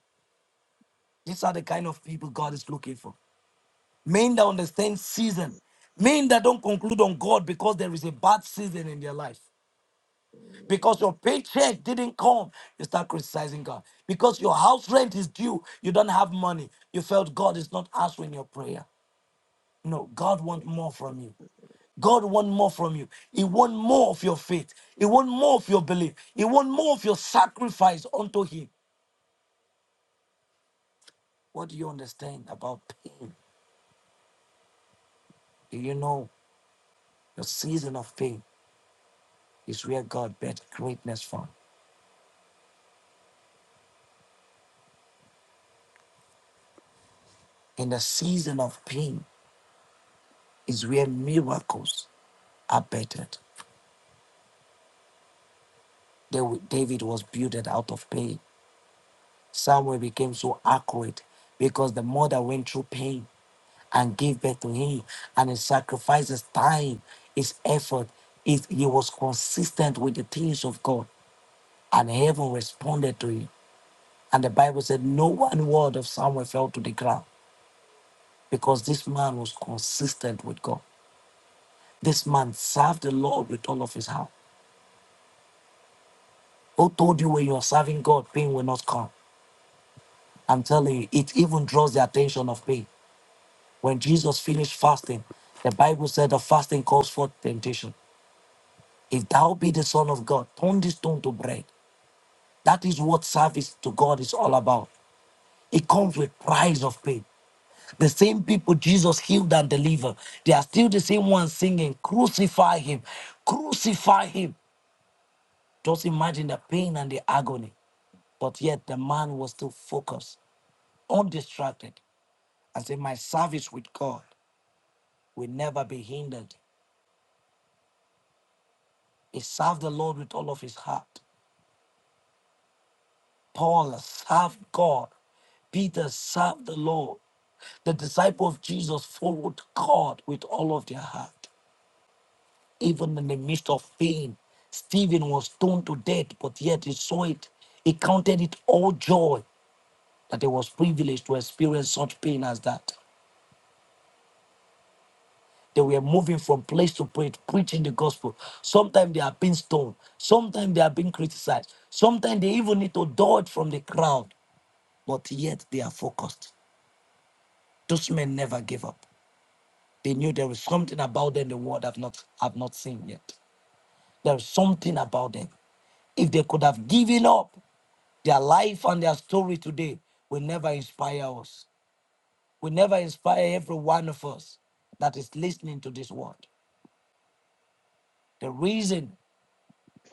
D: These are the kind of people God is looking for. Men that understand season, men that don't conclude on God because there is a bad season in their life. Because your paycheck didn't come, you start criticizing God. Because your house rent is due, you don't have money. You felt God is not answering your prayer. No, God wants more from you. God wants more from you. He wants more of your faith. He wants more of your belief. He wants more of your sacrifice unto Him. What do you understand about pain? Do you know your season of pain is where God bets greatness from? In the season of pain is where miracles are bettered. Dawi- David was builded out of pain. Samuel became so accurate because the mother went through pain and gave birth to him, and he sacrificed his time, his effort. It, he was consistent with the things of God, and heaven responded to him. And the Bible said, No one word of Samuel fell to the ground because this man was consistent with God. This man served the Lord with all of his heart. Who told you when you are serving God, pain will not come? I'm telling you, it even draws the attention of pain. When Jesus finished fasting, the Bible said the fasting calls forth temptation. If thou be the Son of God, turn this stone to bread. That is what service to God is all about. It comes with price of pain. The same people Jesus healed and delivered, they are still the same ones singing, Crucify him, crucify him. Just imagine the pain and the agony. But yet the man was still focused, undistracted, and said, My service with God will never be hindered. He served the Lord with all of his heart. Paul served God. Peter served the Lord. The disciple of Jesus followed God with all of their heart, even in the midst of pain. Stephen was stoned to death, but yet he saw it. He counted it all joy that he was privileged to experience such pain as that. They were moving from place to place, preaching the gospel. Sometimes they are being stoned. Sometimes they are being criticized. Sometimes they even need to dodge from the crowd, but yet they are focused. Those men never gave up. They knew there was something about them the world have not have not seen yet. There was something about them. If they could have given up, their life and their story today will never inspire us. Will never inspire every one of us that is listening to this word. The reason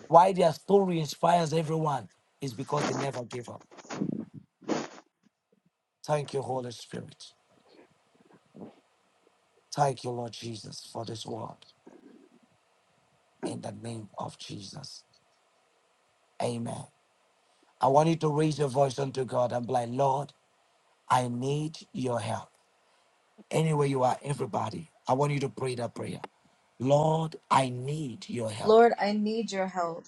D: why their story inspires everyone is because they never gave up. Thank you, Holy Spirit. Thank you, Lord Jesus, for this word. In the name of Jesus. Amen. I want you to raise your voice unto God and be like, Lord, I need your help. Anywhere you are, everybody, I want you to pray that prayer. Lord, I need your help.
C: Lord, I need your help.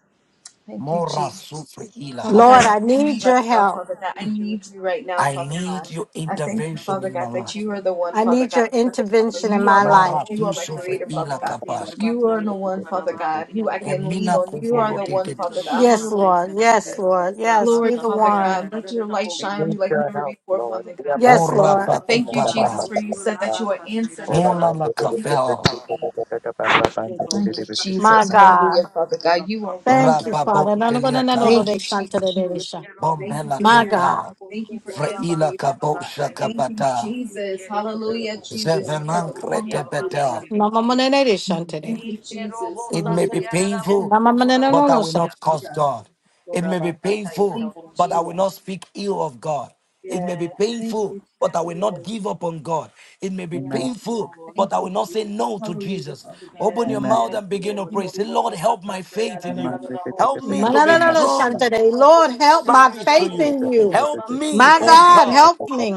C: Thank you,
D: Mora sufre ila
C: Father
A: Lord,
D: havio.
C: God,
A: I
C: use me
A: need
C: right
A: your
C: now,
A: help.
C: Father God. I need you right now,
D: I
C: Father
D: need
C: God.
D: your
C: I thank you,
D: intervention
C: Father
D: in my
C: God, that
D: life.
C: you are the one,
A: I
C: Father
A: need
C: God,
A: your
C: who I can call
A: intervention
C: on.
A: in
C: You are
A: my
C: my
A: life.
C: source.
D: Lara
C: You
D: tu
C: are my
D: sufre
C: creator, Father
D: ila
C: God.
E: We
D: kapaske.
C: You are the one, Father God, who I can lean
D: Emina
C: on. You are the
D: kuvolote
C: one, Father God.
D: ketish.
A: Yes,
C: Hallelujah,
A: Lord. Yes,
C: Jesus.
A: Lord. Yes,
C: Glory,
A: you're the
C: Father God.
A: one.
C: Let your light shine on
E: need
C: me like
E: your
C: never
E: help,
C: before,
E: Lord.
C: Father
E: We
C: God.
E: are about
A: Yes,
E: to do
D: Ora
A: Lord.
E: this.
C: I thank you, Jesus,
D: pakutaba.
C: for you said that you will answer me,
E: Hold up,
C: Father
D: Mona
E: I'm
D: la
E: going to
C: God.
E: do
C: You will
D: kavel.
E: this.
C: rescue me.
E: Bam, bam, bam, bam, bam,
C: Thank you,
E: bam,
A: My
C: Jesus.
E: bam.
A: God.
C: Hallelujah, Father God. You are worthy.
A: Thank you,
D: Rababon
A: Father. Na- na- na- na- na- na-
D: teliata.
C: Thank
A: de-
C: you,
A: shanta- de-
C: Jesus,
A: de-
C: for
A: de-
C: re-
A: sha.
C: thank you
D: Bombela
C: for
A: My
C: hearing me.
A: God.
D: tupa.
C: Thank you for answering
D: Vreila
C: me, Father God.
D: kabosha
C: Thank you,
D: kabata.
C: Jesus. Hallelujah, Jesus. You said
D: Zevenan
C: with long life
D: krete
C: will you satisfy.
A: Ma- ma- ma- na- na- de- shanta- de.
C: Thank you, Jesus.
D: It may be
C: Hallelujah,
D: painful,
A: Ma- ma- ma- na- na- na-
D: but I
A: na-
D: will
A: shanta.
D: not curse
C: Father God.
D: God. It may be painful,
C: Thank you,
D: but I
C: Jesus.
D: will not speak ill of God. It may be
C: Thank
D: painful,
C: you,
D: but I
C: Jesus.
D: will not give up on God. It may be
E: Amen.
D: painful, but
C: Thank
D: I
C: you,
D: will not
C: Jesus.
D: say no to
C: Hallelujah,
D: Jesus.
C: Father God.
D: Open your mouth
E: Amen.
D: and begin to
C: Thank
D: pray. Say,
C: you,
D: Lord, help my faith in you.
E: Amen.
D: Help me
A: Ma-
D: to
A: na- na-
D: be
A: na- na-
D: strong
A: shanta-
E: Amen.
A: de. Lord,
D: in
A: help my
D: service to
A: faith
D: you.
A: in you.
D: Help me,
A: My
D: oh
C: Jesus.
A: God,
D: God.
A: help me.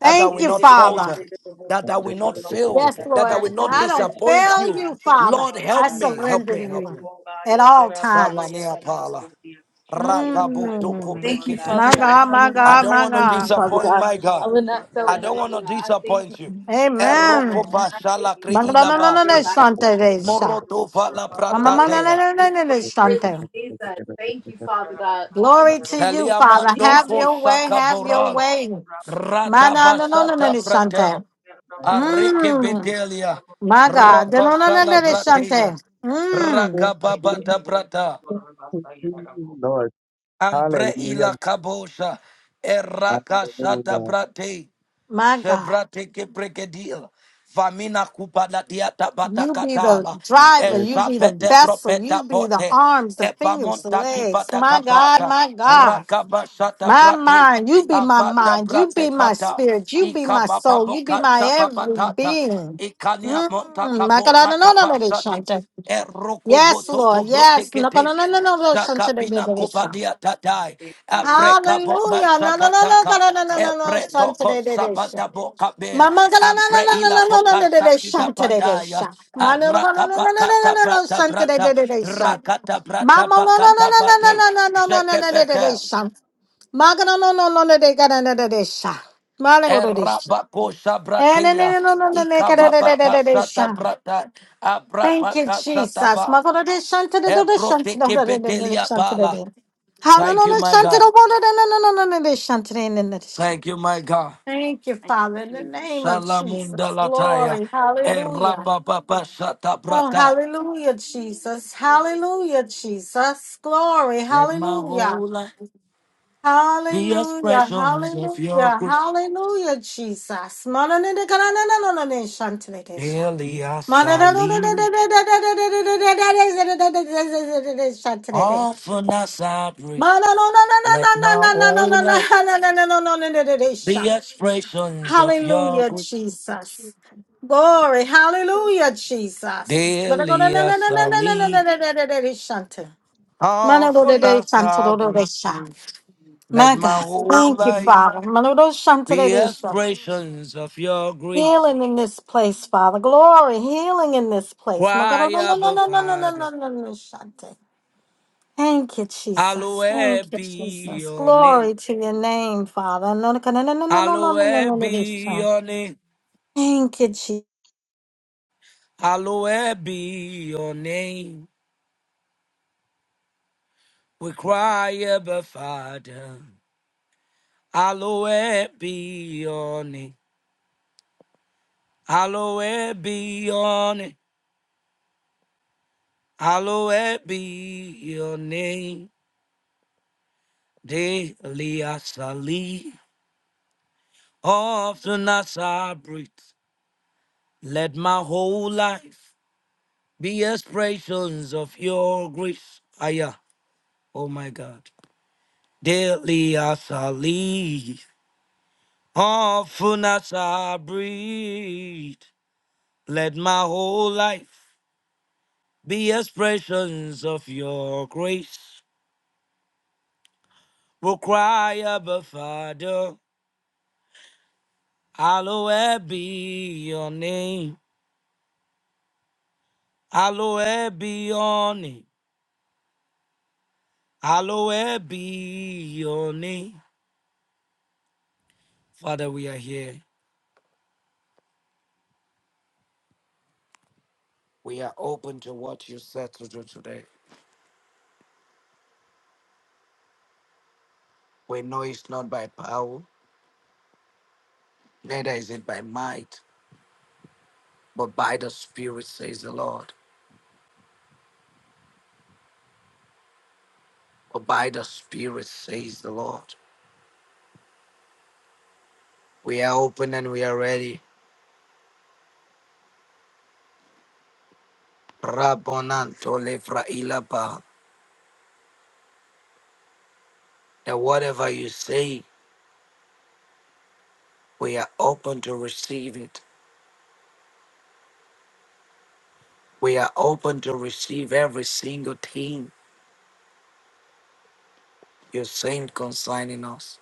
D: that I will
A: you,
D: not
A: Father.
D: falter, that I will not fail,
A: Yes,
D: that I
A: Lord.
D: will
A: That
D: not
A: I don't
D: disappoint
A: fail
D: you.
A: you, Father.
D: Lord,
A: I
D: help me, help
A: surrender
D: me,
A: to
D: help
A: you
D: me.
A: at all times.
D: Salania Pala. Rakaboto
A: Mm.
C: Thank you, Father
A: My
D: Kopreketes.
C: God,
A: God,
C: that I
A: my
C: will not
D: I
A: God,
D: don't
A: my
D: want to
C: disappoint you,
A: God.
C: Father
D: disappoint
C: God.
D: my
C: I
D: God.
C: will not fail
D: I
E: Amen.
C: you,
D: don't want
C: Father
D: to
C: God. I thank
D: disappoint
C: you
D: you.
C: for your
D: Eroko
C: direction.
A: Amen.
C: I thank
D: pashala
A: Ma- na-
C: you,
D: kreila
A: na-
C: Father God,
A: na- na-
C: for your
A: na-
D: baske.
A: shanta-
C: guidance.
A: de- sha.
D: Moroto vala
A: Ma- ma-
D: prata
A: ma-
C: Hallelujah,
A: na- na-
D: dea.
A: na- na-
C: Jesus.
A: na-
C: You are
A: na-
C: worthy,
A: Shante.
C: Jesus. Thank you, Father God.
A: Glory to you,
C: Thank you,
A: Father.
D: Teliamando
A: Have
C: Jesus.
A: your way,
D: Kosaka
A: have your
D: Boral.
A: way. Ma- na- na- na- na- na-
D: Ratabasaka
A: na- Shante.
D: Pratel. Arike
A: Mm,
D: Betelia.
A: my God. Na- na- na- na-
D: Rokosala
A: na- na- Shante.
D: Brateya.
A: Mm,
D: Rakababata Brata.
E: Lord,
D: Ambre
E: hallelujah,
D: ila kabosa. Eraka sata
E: hallelujah,
D: brate.
A: my God.
D: Shebrateke pregedil. Famina kupada diata
A: You be the
D: batakatala.
A: driver, you
E: hallelujah,
A: be the
D: Eshapete
E: Jesus.
A: vessel,
D: propeta
A: you be the
D: pote.
A: arms, the fingers, the
D: Epamonta
A: legs.
D: kipata
A: My God,
D: kapata.
A: my God.
D: Rakabashata
A: My
D: brate.
A: mind, you be my
D: apata
A: mind, you
D: brate
A: be my
D: pata.
A: spirit, you be my soul, you be
D: Ikabababoka
A: my every
D: shababakata.
A: being.
D: Ikania monta
A: Mm, my God, I
D: kabora
A: don't know none of this,
D: kabashate.
A: Shante.
D: Eroko
A: Yes,
D: boto
A: Lord.
D: kobrote
A: Yes. No, no,
D: kete.
A: no, no, no, no, no, son today,
D: Shakabina
A: baby, this son.
D: kupadia tatai. Apreka
A: Hallelujah.
D: bomba
A: No, no, no, no,
D: shakataka.
A: no, no, no, no, no, no,
D: Ebre
A: son
D: toko
A: today, baby, this
D: sabata
A: son.
D: boka be
A: Mama, no, no,
D: ambre ila
A: no, no, no, no, no, no, no, no,
D: boka
A: no,
D: sakida
A: son today, this
D: pataya
A: son. Mama, no, no, no, no,
D: araka
A: no, no, no,
D: bakata
A: no, no,
D: bata
A: son today,
D: brata
A: baby, this son.
D: rakata brata
A: Mama, no, no,
D: bakata
A: no,
D: bate
A: no, no, no, no, no, no, no, no, no, no, no,
D: zekebete
A: son. Maga, no, no, no, no, no, no, no, no, no, no, son. Mala, go to this son.
D: erabako
A: Eh, no, no,
D: sabratia
A: no, no, no, no, no, no, no, no,
D: ikababaka
A: no, no,
D: sata
A: son.
D: brata
A: Thank you,
D: abrabaka sata
A: Jesus.
D: ba
A: Makorede shantede dode shantede
D: ebroteke
A: odede nene
D: betelia
A: shantede
D: bala
A: de.
D: Thank you,
A: Hanonono
D: my
A: shantede
D: God.
A: obodede nenonono nene shantede nene sh-
D: Thank you, my God.
A: Thank you,
B: Thank
A: Father, in the
B: you.
A: name of
D: Salamunda
A: Jesus.
D: lataya.
A: Glory. Hallelujah.
D: Erapa papa sata
A: Oh,
D: brata.
A: hallelujah, Jesus. Hallelujah, Jesus. Glory.
D: Let my
A: Hallelujah.
D: whole life be
A: Hallelujah.
D: expressions of your
A: Hallelujah.
D: grace.
A: Hallelujah, Jesus. Manonene kananananone shantede de sha.
D: Daily as I live,
A: Hallelujah,
D: often as I breathe. Let my whole life be expressions of your grace.
A: Jesus. Glory. Hallelujah, Jesus. My
D: Daily as I live, often as I breathe. Let my
A: God.
D: whole
A: Thank you,
D: life
A: Father.
D: be expressions of your grace.
A: Healing in this place, Father. Glory, healing in this place. My God,
D: Cry,
A: no, no, no,
D: Abba
A: no, no, no, no, no,
D: Father,
A: no, no, Shante. Thank you, Jesus. Thank
D: hallowed
A: you,
D: be
A: Jesus.
D: your name.
A: Glory to your name, Father. No, no, no, no, no, no, no, no, no, no, no,
D: Hallowed
A: no, no,
D: be
A: no.
D: your name.
A: Thank you, Jesus.
D: Hallowed be your name. We cry, Abba Father. Hallowed be your name. Hallowed be your name. Hallowed be your name. Daily as I live, often as I breathe. Let my whole life be expressions of your grace. Aya, oh my God. Daily as I live. Often as I breathe, let my whole life be expressions of your grace. Will cry, Abba Father, hallowed be your name, hallowed be your name, hallowed be your name. Father, we are here. We are open to what you said to do today. We know it's not by power, neither is it by might, but by the Spirit, says the Lord. For by the Spirit, says the Lord. We are open and we are ready. Rabonanto lefra ilapa. That whatever you say, we are open to receive it. We are open to receive every single thing you're saying concerning us.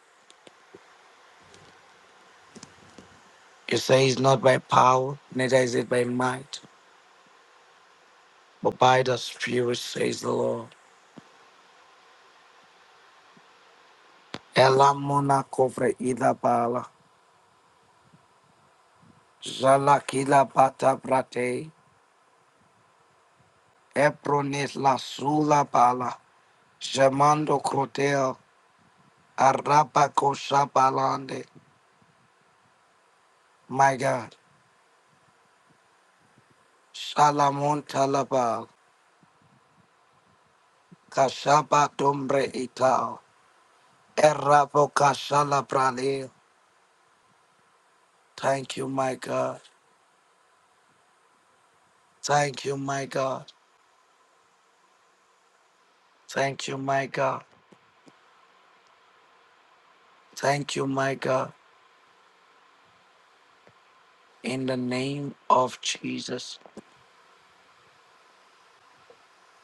D: You say it's not by power, neither is it by might, but by the Spirit, says the Lord. Elamona kofre ilapala. Zalakila pata prate. Eprones la sula Jamando Crotel, Arabako Shabalande, my God, Shalamon Talabal, Kashaba Dombre Ital, Erabo Kashala Brale. Thank you, my God. Thank you, my God. Thank you, my God. Thank you, my God. In the name of Jesus.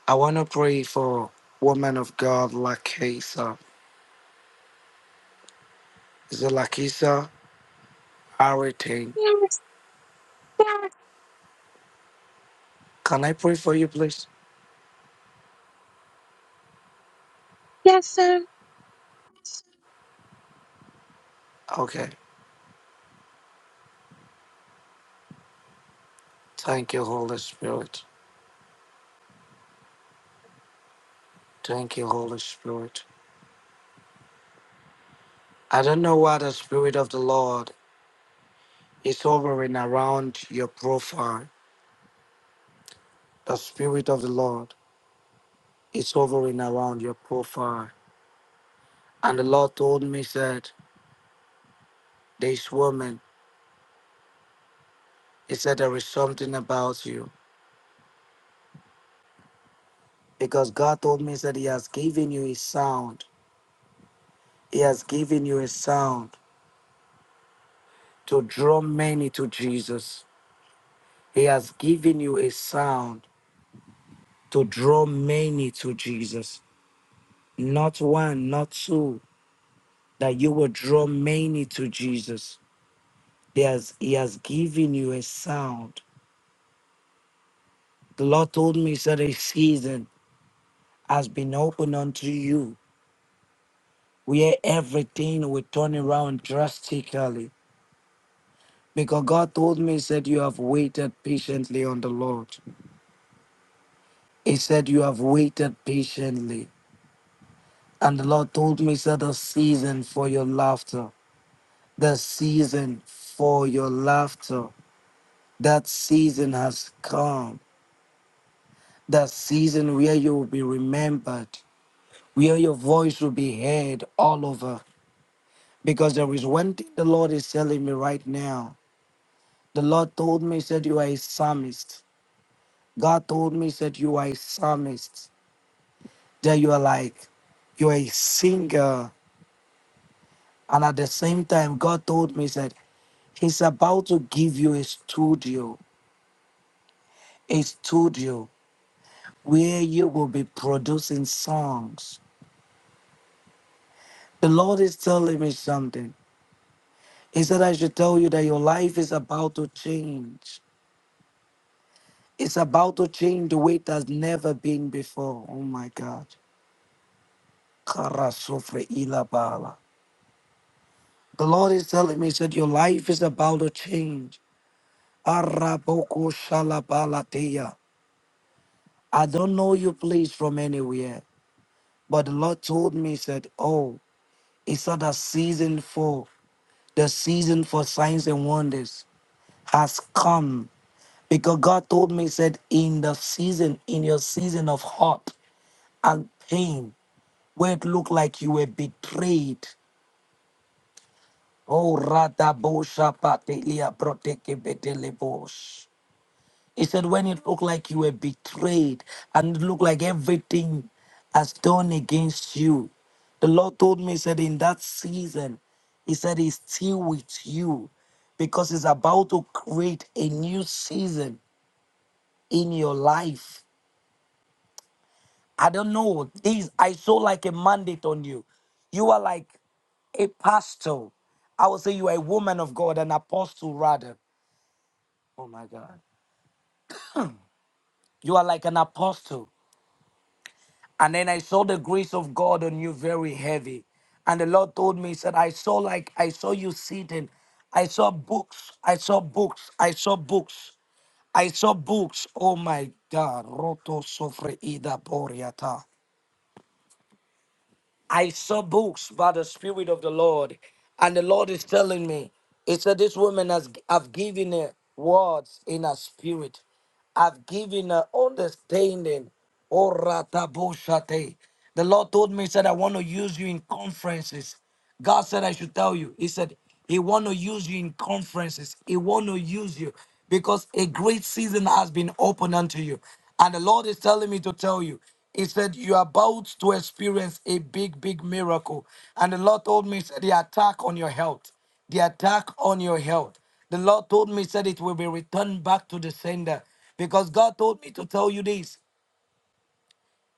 D: I want to pray for woman of God, Lakisa. Is it Lakisa? Aritain.
F: Yes,
D: Can I pray for you, please?
F: yes, sir.
D: Okay. Thank you, Holy Spirit. Thank you, Holy Spirit. I don't know why the Spirit of the Lord is hovering around your profile. The Spirit of the Lord is hovering around your profile. And the Lord told me, said, this woman, he said, there is something about you. Because God told me, said, he has given you a sound. He has given you a sound to draw many to Jesus. He has given you a sound to draw many to Jesus. not one, not two, that you will draw many to Jesus. There's, he has given you a sound. The Lord told me, He said, a season has been opened unto you where everything will turn around drastically. Because God told me, He said, You have waited patiently on the Lord. He said, You have waited patiently. And the Lord told me, He said, The season for your laughter, the season for your laughter, that season has come that season where you will be remembered, where your voice will be heard all over. Because there is one thing the Lord is telling me right now. The Lord told me, said, You are a psalmist. God told me, said, You are a psalmist. That you are like, you are a singer. And at the same time, God told me, said, He's about to give you a studio, a studio where you will be producing songs. The Lord is telling me something. He said, I should tell you that your life is about to change. It's about to change the way it has never been before. Oh my God. Kara sofre ila bala. The Lord is telling me, He said, Your life is about to change. Araboko shalabala deya. I don't know you, please, from anywhere. But the Lord told me, He said, Oh, it's not a season for the season for signs and wonders has come Because God told me, He said, in the season, in your season of hurt and pain, where it looked like you were betrayed. Oh, Rada Bosha Patelia Proteke Betelebos. He said, when it looked like you were betrayed and it looked like everything has done against you, the Lord told me, He said, in that season, He said, He's still with you because He's about to create a new season in your life. I don't know. These I saw like a mandate on you. You are like a pastor. I would say you are a woman of God, an apostle rather. Oh my God. You are like an apostle. And then I saw the grace of God on you very heavy. And the Lord told me, He said, I saw like I saw you sitting. I saw books. I saw books. I saw books. I saw books. Oh my God. Roto sofre ida boriata. I saw books by the Spirit of the Lord, and the Lord is telling me, He said, This woman has I've given her words in her spirit. I've given her understanding. Oh, rataboshate. The Lord told me, He said, I want to use you in conferences. God said I should tell you. He said he want to use you in conferences. He want to use you because a great season has been opened unto you. And the Lord is telling me to tell you. He said you are about to experience a big, big miracle. And the Lord told me, he said the attack on your health, the attack on your health. The Lord told me, he said it will be returned back to the sender because God told me to tell you this.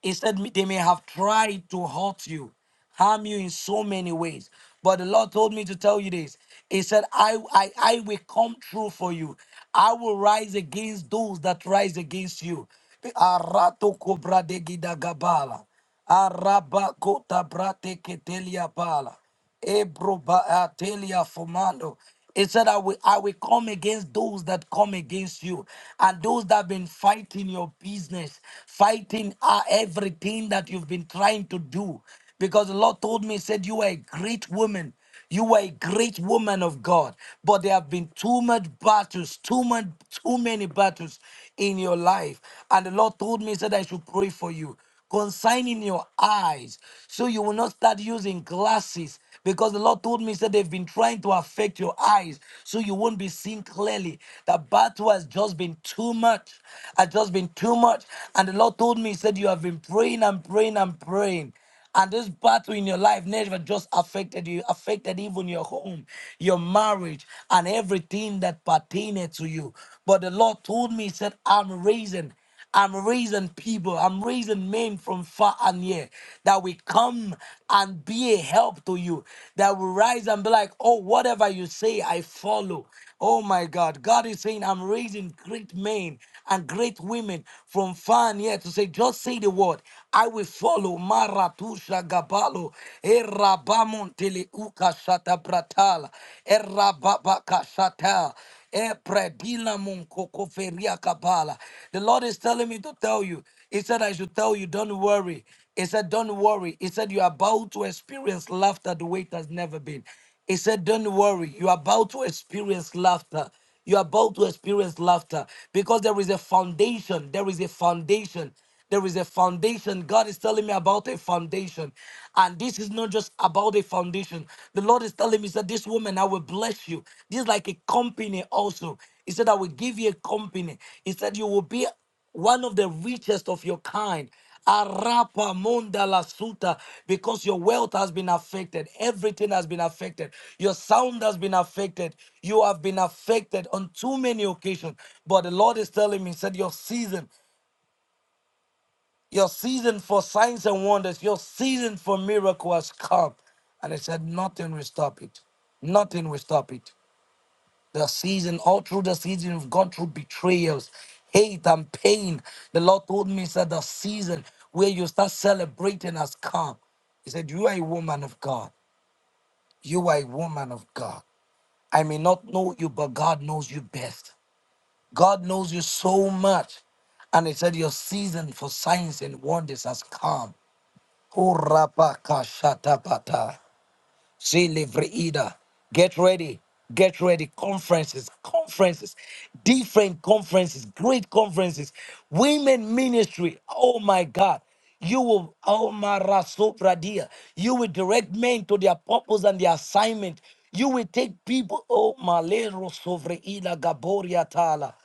D: Instead, they may have tried to hurt you, harm you in so many ways. But the Lord told me to tell you this. He said, I, I, I will come true for you. I will rise against those that rise against you. Arato kobra de gida gabala. Araba kota brate ketelia bala. Ebroba- uh, Telia Fomando. It said, I will, I will come against those that come against you and those that have been fighting your business, fighting uh, everything that you've been trying to do. Because the Lord told me, He said, You are a great woman. You were a great woman of God, but there have been too much battles, too much, too many battles in your life. And the Lord told me, he said I should pray for you concerning your eyes, so you will not start using glasses. Because the Lord told me, he said they've been trying to affect your eyes, so you won't be seeing clearly. The battle has just been too much, has just been too much. And the Lord told me, he said you have been praying and praying and praying. And this battle in your life never just affected you, affected even your home, your marriage, and everything that pertained to you. But the Lord told me, He said, I'm raising I'm raising people, I'm raising men from far and near that will come and be a help to you, that will rise and be like, oh, whatever you say, I follow. Oh my God. God is saying, I'm raising great men and great women from far and near to say, just say the word. I will follow. Maratusha Gabalo. Erabamontele Uka Shata Bratala. Erababaka Shata. Epredila Munkoko Feria Kabala. The Lord is telling me to tell you. He said, I should tell you, don't worry. He said, Don't worry. He said, You're about to experience laughter the way it has never been. He said, Don't worry. You're about to experience laughter. You're about to experience laughter because there is a foundation. There is a foundation. There is a foundation. God is telling me about a foundation. And this is not just about a foundation. The Lord is telling me that this woman, I will bless you. This is like a company also. He said, I will give you a company. He said, you will be one of the richest of your kind. Arapa monda la suta, because your wealth has been affected, everything has been affected, your sound has been affected, you have been affected on too many occasions. But the Lord is telling me, He said, Your season, your season for signs and wonders, your season for miracle has come. And He said, Nothing will stop it. Nothing will stop it the season, all through the season, we've gone through betrayals, hate, and pain. The Lord told me, He said, the season where you start celebrating has come. He said, You are a woman of God. You are a woman of God. I may not know you, but God knows you best. God knows you so much. And he said, Your season for signs and wonders has come. Oh, Rabba See Get ready. Get ready. Conferences, conferences, different conferences, great conferences, women ministry. Oh my God. You will oh my Rasopradia. You will direct men to their purpose and their assignment. You will take people, oh Malero Sovreida Gaboria Tala.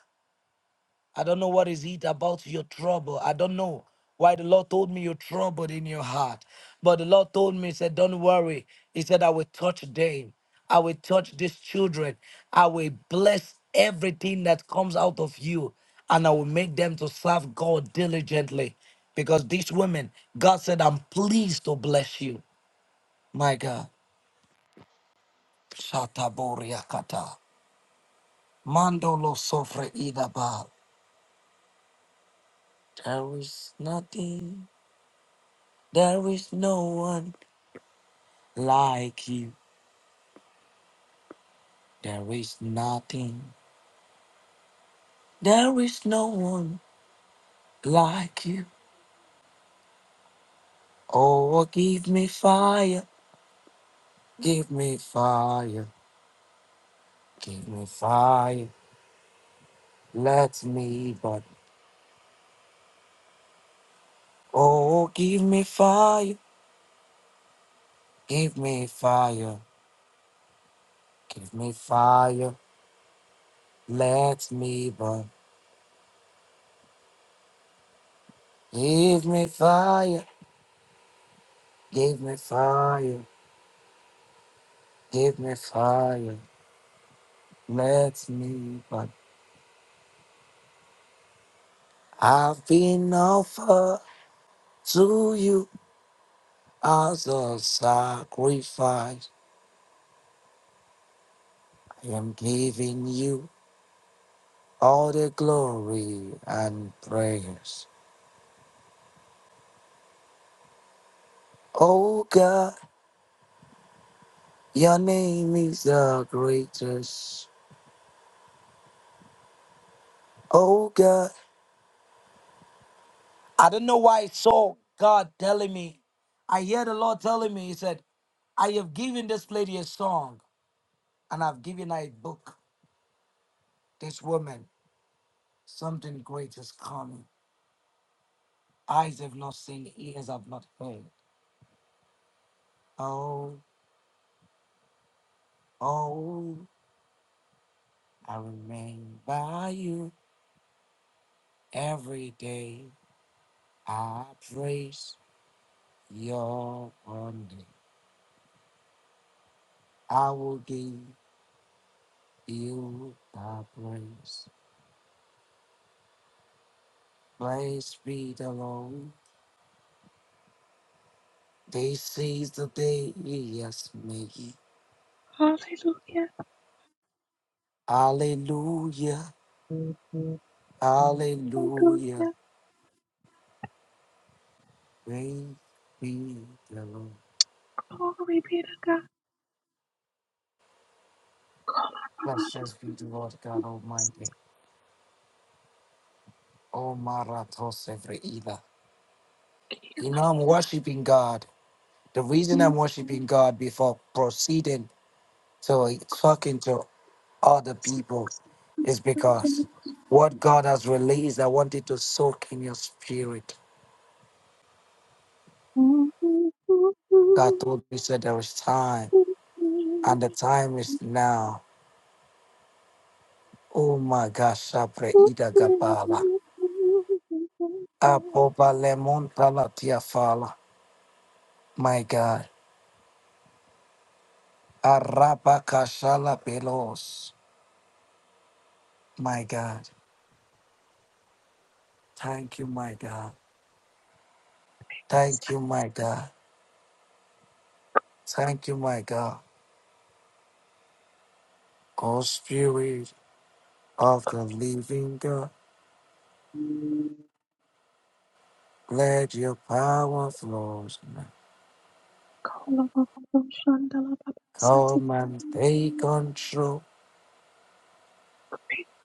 D: I don't know what is it about your trouble. I don't know why the Lord told me you're troubled in your heart. But the Lord told me, He said, Don't worry. He said, I will touch them. I will touch these children. I will bless everything that comes out of you. And I will make them to serve God diligently. Because these women, God said, I'm pleased to bless you. My God. Shataboriakata. Mandolo sofre idaba. There is nothing. There is no one like you. There is nothing. There is no one like you. Oh, give me fire. Give me fire. Give me fire. Let me burn. Oh, give me fire. Give me fire. Give me fire. Let me burn. Give me fire. Give me fire. Give me fire. Let me burn. I've been offered to you as a sacrifice. I am giving you all the glory and praise. Oh God, your name is the greatest. Oh God, I don't know why I saw God telling me. I hear the Lord telling me, He said, I have given this lady a song and I've given her a book. This woman, something great is coming. Eyes have not seen, ears have not heard. Oh, oh, I remain by you every day. I praise your wonder. I will give you the praise. Praise be the Lord. This is the day he has made.
F: Hallelujah.
D: Hallelujah, hallelujah.
F: Hallelujah.
D: Praise be the Lord.
F: Glory be to God.
D: Blessed be the Lord God Almighty. Oh, Marathos every either. You know, I'm worshiping God. The reason I'm worshiping God before proceeding to talking to other people is because what God has released, I want it to soak in your spirit. God told me, said there is time, and the time is now. Oh my gosh, Sapre Ida Gabala. Apoba Lemon Palatia Fala. My God. Araba Kashala Pelos. My God. Thank you, my God. Thank you, my God. Thank you, my God. O Spirit of the living God, let your power flow. now. Come and take control.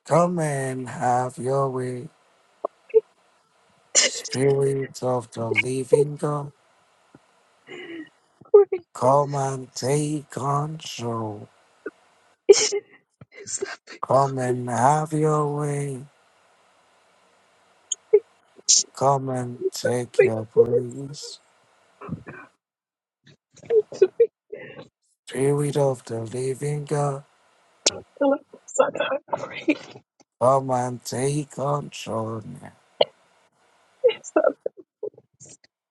D: Come and have your way. Spirit of the living God,
F: Great.
D: come and take control. Come and have your way. Come and take your place. Spirit of the living God. Come and take control. now.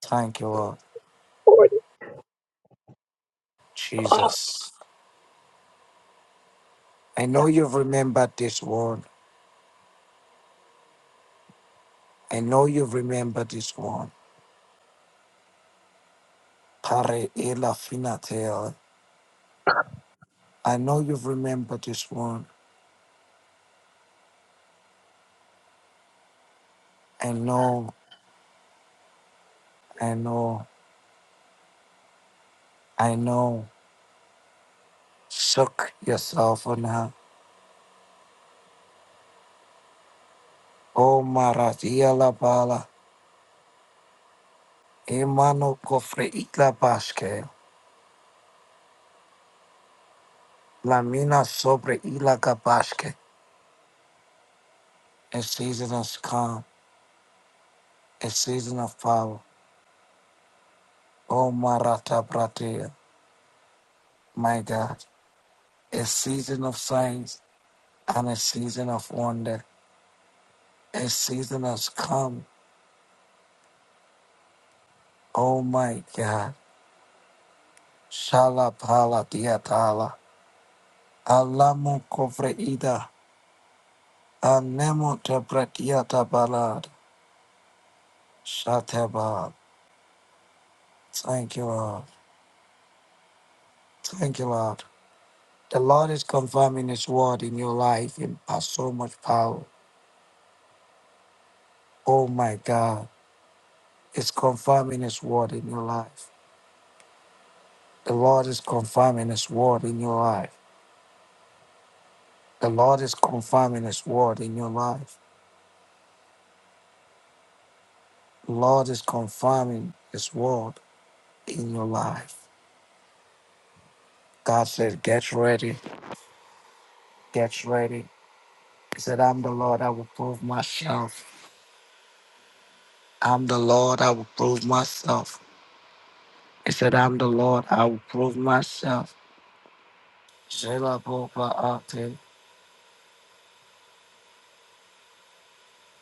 D: Thank you, Lord Jesus. I know you've remembered this one. I know you've remembered this one. Pare ela finatel. I know you've remembered this one. I know, I know, I know. Suck yourself on her. Oh, Maratia la bala. Emano cofre itla basque. Lamina sobre ila capaske. A season has come. A season of power. O Maratha Pratia, my God, a season of signs and a season of wonder. A season has come. Oh my God. Shalapala diatala. Alamu kovre ida. Anemo tebretiata balad. Shatebal. Thank you, Lord. Thank you, Lord. The Lord is confirming His word in your life in has so much power. Oh my God. It's confirming His word in your life. The Lord is confirming His word in your life. The Lord is confirming His word in your life. The Lord is confirming His word in your life. God said, Get ready, get ready. He said, I'm the Lord, I will prove myself. I'm the Lord, I will prove myself. He said, I'm the Lord, I will prove myself. Zelaboba'ate.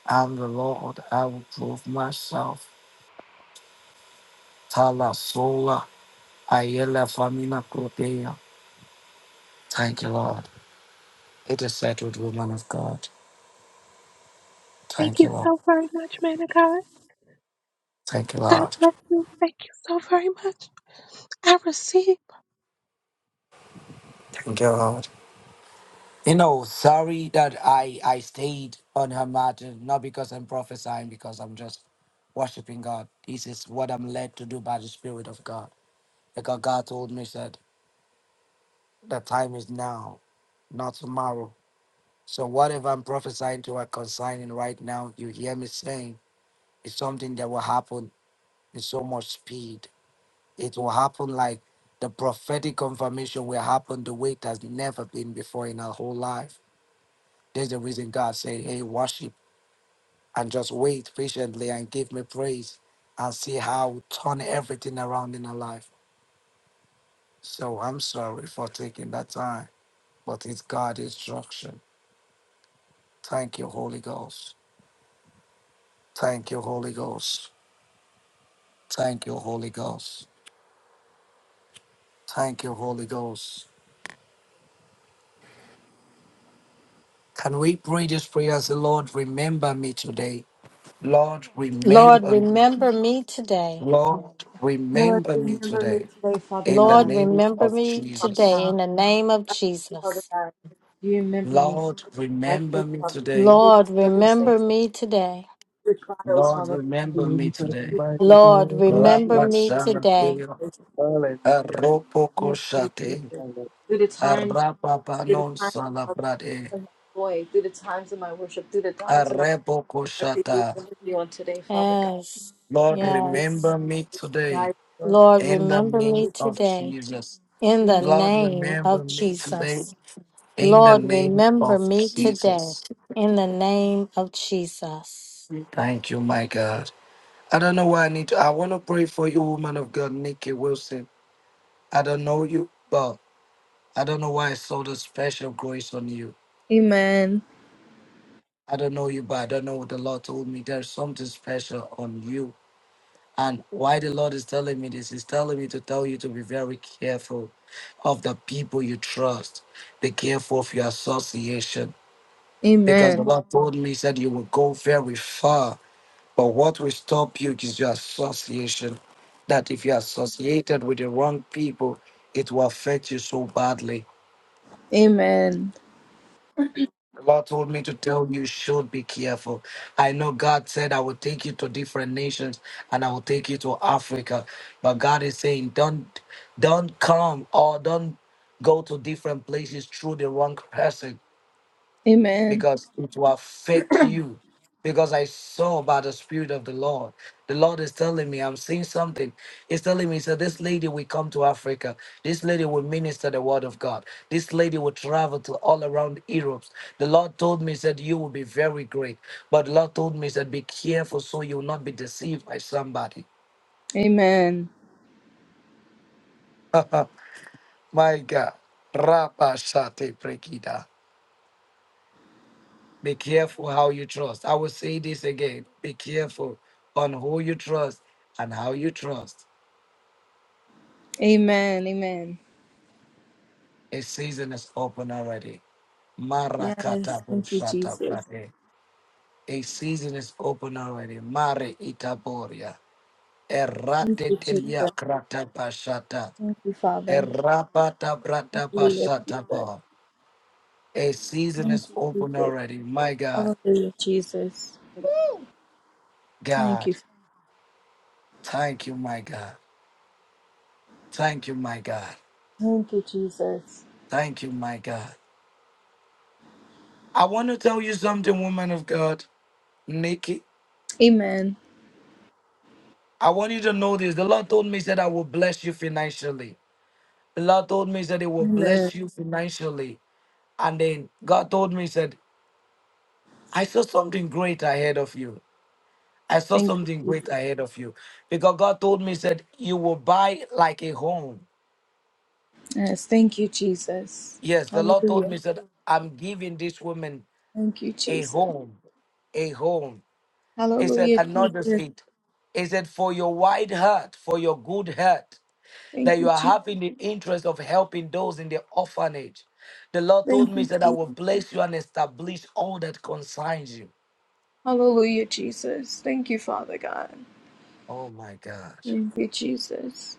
D: I'm the Lord, I will prove myself. Tala sola, ayela famina protea. Thank you, Lord. It is settled, woman of God.
F: Thank
D: Thank
F: you
D: you, Lord.
F: so very much, man of God.
D: Thank you,
F: God
D: Lord.
F: bless you. Thank you so very much. I receive.
D: Thank you, Lord. You know, sorry that I I stayed on her matter not because I'm prophesying, because I'm just worshiping God. This is what I'm led to do by the Spirit of God. Because God told me said the time is now, not tomorrow. So whatever I'm prophesying to or consigning right now, you hear me saying, is something that will happen in so much speed. It will happen like the prophetic confirmation will happen the way it has never been before in our whole life. There's the reason God said, Hey, worship and just wait patiently and give me praise and see how we turn everything around in our life. So I'm sorry for taking that time, but it's God's instruction. Thank you, Holy Ghost. Thank you, Holy Ghost. Thank you, Holy Ghost. Thank you, Holy Ghost. Can we pray this prayer as the Lord remember me today? Lord,
A: Lord,
D: remember me.
A: remember me today.
D: Lord,
C: Lord,
D: remember me
C: remember me
D: today
C: today, Father
D: in the
A: Lord,
C: God.
D: name
A: remember
D: of
A: me
C: Father
D: Jesus.
A: today
C: God.
A: in the name of
C: I pray, Father
A: Jesus.
C: God. You remember me,
D: Lord,
C: Father. I pray,
D: remember me
C: Father God.
D: today.
C: Through
A: Lord,
C: the
A: remember
C: circumstances,
A: me today.
C: through the trials,
D: Lord,
C: Father God.
D: remember me
E: Jesus,
D: today.
C: Through all the
E: mighty
A: Lord,
E: name,
A: remember
C: things,
A: me
D: Rapashana
C: that
A: today.
D: Kira,
C: you
E: hallelujah,
D: Aropo
C: remember me,
D: Koshate,
C: Jesus.
E: hallelujah,
C: Through the times, through the
D: Arapapanon
C: times of
D: Salabrade,
C: my joy, through the times of my worship, through the times of my
D: Arepo
C: I pray you
D: Koshata.
C: remember me on today, Father God.
A: Yes,
D: Lord,
C: I pray
A: yes.
D: remember me
C: you
D: today
C: guide me on
A: Lord,
C: today.
D: in the
A: remember
D: name
A: me
D: of
A: today
D: Jesus.
A: in
C: you
A: the
D: Lord,
A: name
D: remember
A: of
D: me today
A: Jesus.
D: in the
C: Jesus.
A: Lord,
D: name
A: remember
D: of
A: me today
D: Jesus.
A: in the name of Jesus.
D: Thank you, my God. I don't know why I need to. I want to pray for you, woman of God, Nikki Wilson. I don't know you, but I don't know why I saw the special grace on you.
C: Amen.
D: I don't know you, but I don't know what the Lord told me. There's something special on you. And why the Lord is telling me this, He's telling me to tell you to be very careful of the people you trust. Be careful of your association. Because
C: Amen.
D: the Lord told me, He said, you will go very far But what will stop you is your association. That if you're associated with the wrong people, it will affect you so badly.
C: Amen.
D: The Lord told me to tell you, you should be careful. I know God said, I will take you to different nations and I will take you to Africa. But God is saying, don't, don't come or don't go to different places through the wrong person
C: Amen.
D: because it will affect you. Because I saw by the Spirit of the Lord. The Lord is telling me, I'm seeing something. He's telling me, so this lady will come to Africa. This lady will minister the word of God. This lady will travel to all around Europe. The Lord told me, said, you will be very great. But the Lord told me, said, be careful so you will not be deceived by somebody.
C: Amen.
D: [LAUGHS] My God. Rabba Be careful how you trust. I will say this again. Be careful on who you trust and how you trust.
C: Amen. Amen.
D: A season is open already.
C: Yes.
D: Marakata
C: Thank you,
D: bushata
C: Jesus.
D: brade. A season is open already. Mare itaboria.
C: Thank you,
D: Errate
C: Jesus.
D: telia krata bashata.
C: Thank you, Father.
D: Errapata brata
C: Hallelujah,
D: bashata
C: Jesus.
D: bo. A season
C: Thank
D: is
C: you,
D: open
C: Jesus.
D: already. My God,
C: Hallelujah, Jesus. Thank you.
D: God, thank you, my God. Thank you, my God.
C: Thank you, Jesus.
D: Thank you, my God. I want to tell you something, woman of God, Nikki.
C: Amen.
D: I want you to know this. The Lord told me he said I will bless you financially. The Lord told me he said it will
C: Amen.
D: bless you financially. And then God told me he said, I saw something great ahead of you. I saw
C: Thank you,
D: something great
C: Jesus.
D: ahead of you. Because God told me he said, you will buy like a home.
C: Yes. Thank you, Jesus.
D: Yes, the Lord told
C: Hallelujah.
D: me he said, I'm giving this woman
C: Thank you,
D: a
C: Jesus.
D: home a home. He said,
C: Hallelujah,
D: and not just
C: Jesus.
D: it. He said, for your wide heart, for your good heart. that
C: Thank
D: you
C: you,
D: are
C: Jesus.
D: having the interest of helping those in the orphanage. The Lord told
C: Thank
D: me, he
C: you,
D: said,
C: Jesus.
D: I will bless you and establish all that concerns you.
C: Hallelujah, Jesus. Thank you, Father God.
D: Oh my God.
C: Thank you, Jesus.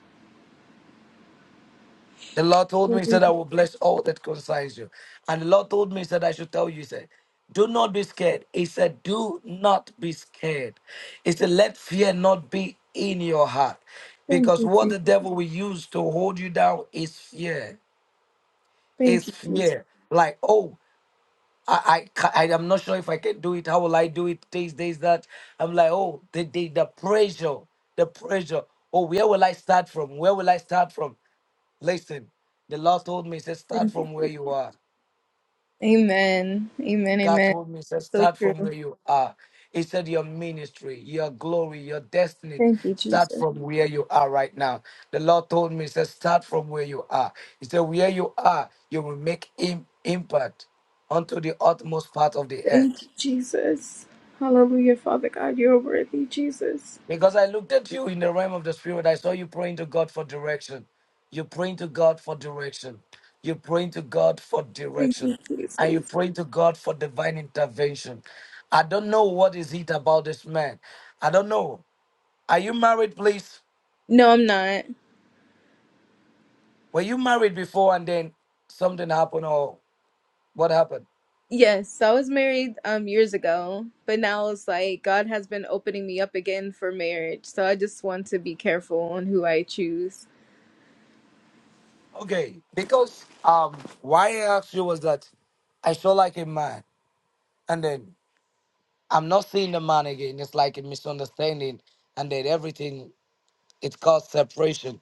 D: The Lord told me, he
C: Hallelujah.
D: said, I will bless all that concerns you. And the Lord told me, he said, I should tell you, he said, do not be scared. He said, do not be scared. He said, let fear not be in your heart.
C: Thank
D: Because
C: you,
D: what
C: Jesus.
D: the devil will use to hold you down is fear.
C: Thank
D: Is
C: you, Jesus.
D: fear. Like, oh I, I, ca- I am not sure if I can do it. How will I do it? This, this, that. I'm like, oh, the, the, the pressure, the pressure. Oh, where will I start from? Where will I start from? Listen, the Lord told me, he said, start
C: Thank you,
D: from where
C: Jesus.
D: you are.
C: Amen. Amen.
D: God
C: Amen.
D: told me, he said,
C: So
D: start from
C: true.
D: where you are. He said, your ministry, your glory, your destiny,
C: Thank you,
D: start
C: Jesus.
D: from where you are right now. The Lord told me, he said, start from where you are. He said, where you are, you will make im- impact onto the utmost part of the
C: Thank
D: earth.
C: you, Jesus. Hallelujah, Father God. You're worthy, Jesus.
D: Because I looked at you in the realm of the spirit, I saw you praying to God for direction. You're praying to God for direction. You're praying to God for
C: Thank you,
D: direction. And you're
C: Jesus.
D: praying to God for divine intervention. I don't know what is it about this man. I don't know. Are you married, please?
C: No, I'm not.
D: Were you married before and then something happened or what happened?
C: Yes, I was married um years ago, but now it's like God has been opening me up again for marriage. So I just want to be careful on who I choose.
D: Okay. Because um why I asked you was that I saw like a man. and then. I'm not seeing the man again. It's like a misunderstanding, and then everything it caused separation,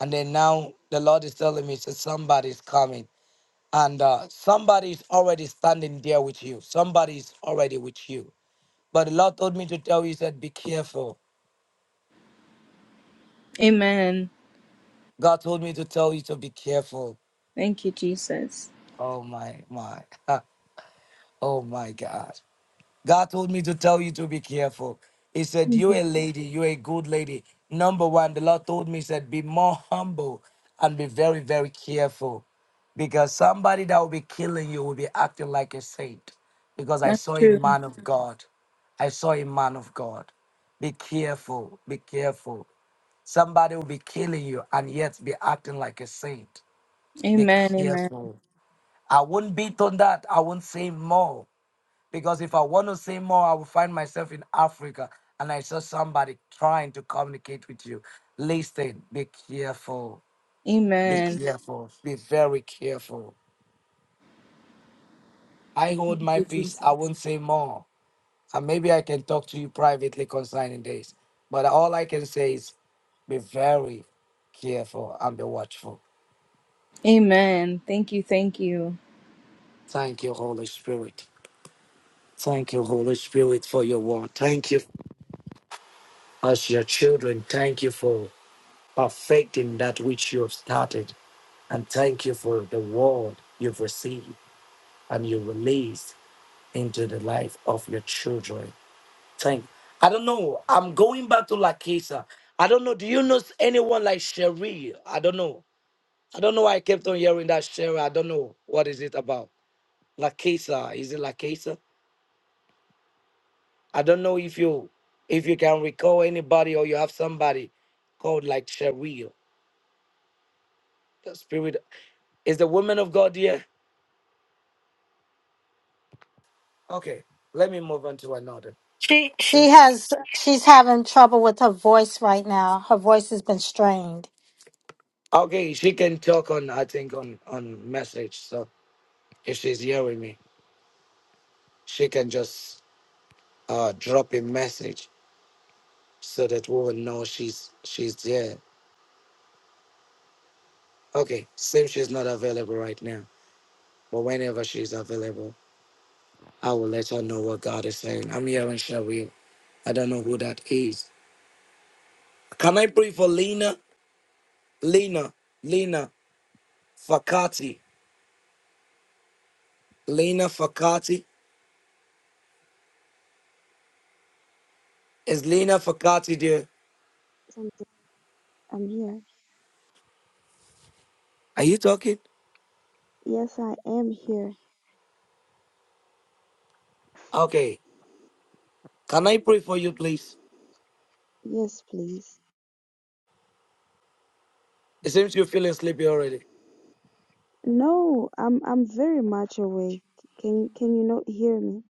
D: and then now the Lord is telling me, so somebody's coming, and uh, somebody is already standing there with you. Somebody is already with you. But the Lord told me to tell you, he said, be careful.
C: Amen.
D: God told me to tell you to be careful.
C: Thank you, Jesus.
D: Oh my my, [LAUGHS] oh my God. God told me to tell you to be careful. He said,
C: Thank
D: You're
C: you.
D: a lady, you're a good lady. Number one, the Lord told me, He said, Be more humble and be very, very careful because somebody that will be killing you will be acting like a saint. Because I
C: That's
D: saw a
C: true.
D: man of God. I saw a man of God. Be careful, be careful. Somebody will be killing you and yet be acting like a saint. Be
C: Amen. Amen.
D: careful. I won't beat on that. I won't say more. Because if I want to say more, I will find myself in Africa and I saw somebody trying to communicate with you. Listen, be careful. Be
C: Amen.
D: careful. Be very careful. I hold
C: Thank
D: my
C: you,
D: peace. I
C: Jesus.
D: won't say more. And maybe I can talk to you privately concerning this. But all I can say is be very careful and be watchful.
C: Amen. Thank you. Thank you.
D: Thank you, Holy Spirit. Thank you, Holy Spirit, for your word. Thank you. as your children. Thank you for perfecting that which you have started. And thank you for the word you've received and you released into the life of your children. Thank I don't know. I'm going back to Lakisa. I don't know. Do you know anyone like Cherie? I don't know. I don't know why I kept on hearing that Cherie. I don't know what is it about. Lakisa. Is it Lakisa? I don't know if you if you can recall anybody or you have somebody called like Cherie. The spirit is the woman of God here. Okay, let me move on to another.
A: She she
D: Since
A: has she's having trouble with her voice right now. Her voice has been strained.
D: okay, she can talk on I think on on message. So if she's here with me, she can just uh drop a message so that we will know she's she's there. Okay, since she's not available right now, but whenever she's available, I will let her know what God is saying. I'm here and shall we? I don't know who that is. Can I pray for Lena? Lena, Lena Fakati, Lena Fakati. Is Lena Fakati there?
G: Something. I'm here.
D: Are you talking?
G: Yes, I am here.
D: Okay. Can I pray for you, please?
G: Yes, please.
D: It seems you're feeling sleepy already.
G: No, I'm I'm very much awake. Can can you not hear me?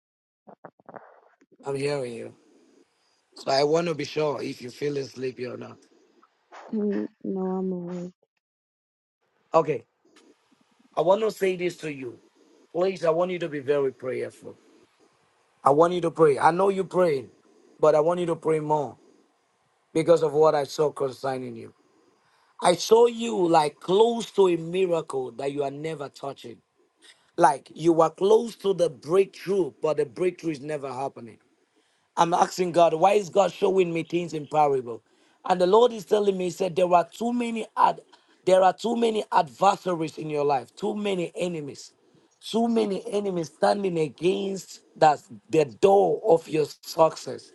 D: I'm hearing you. So I want to be sure if you're feeling sleepy or not.
G: Mm, No, I'm awake.
D: Okay. I want to say this to you. Please, I want you to be very prayerful. I want you to pray. I know you're praying, but I want you to pray more because of what I saw concerning you. I saw you like close to a miracle that you are never touching. Like you were close to the breakthrough, but the breakthrough is never happening. I'm asking God, why is God showing me things in parable? And the Lord is telling me, He said, there are too many ad- there are too many adversaries in your life, too many enemies, too
G: It's,
D: many enemies standing against that the door of your success.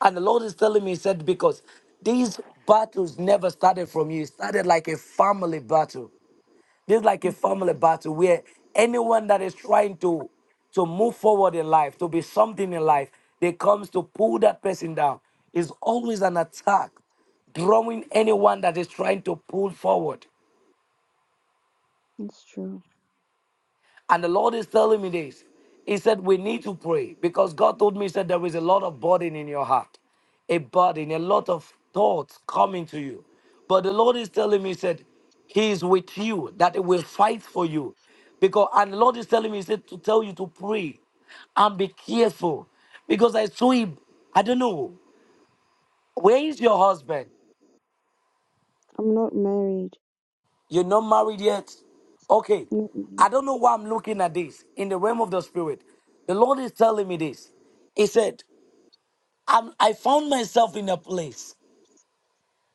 D: And the Lord is telling me, He said, because these battles never started from you, it started like a family battle. This is like a
G: it's,
D: family battle where anyone that is trying to to move forward in life, to be something in life, they comes to pull that person down. It's always an attack, drawing anyone that is trying to pull forward.
G: it's true.
D: And the Lord is telling me this. He said, We need to pray because God told me, He said, There is a lot of burden in your heart, a burden, a lot of thoughts coming to you. But the Lord is telling me, He said, He is with you, that He will fight for you. Because and the Lord is telling me, He said, to tell you to pray and be careful. Because I saw him, I don't know, where is your husband?
G: I'm not married.
D: You're not married yet. Okay.
G: Mm, mm,
D: I don't know why I'm looking at this in the realm of the spirit. The Lord is telling me this. He said, I'm, I found myself in a place.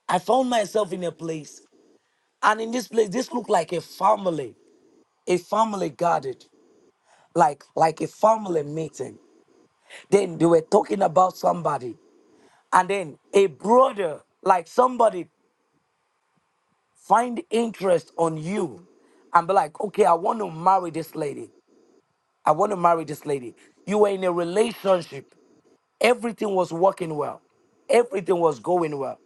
D: I found myself in a place. And in this place, this looked like a family, a family gathered, like, like a family meeting. Then they were talking about somebody. And then a brother, like somebody, find interest on you and be like, okay, I want to marry this lady. I want to marry this lady. You were in a relationship. Everything was working well. Everything was going well.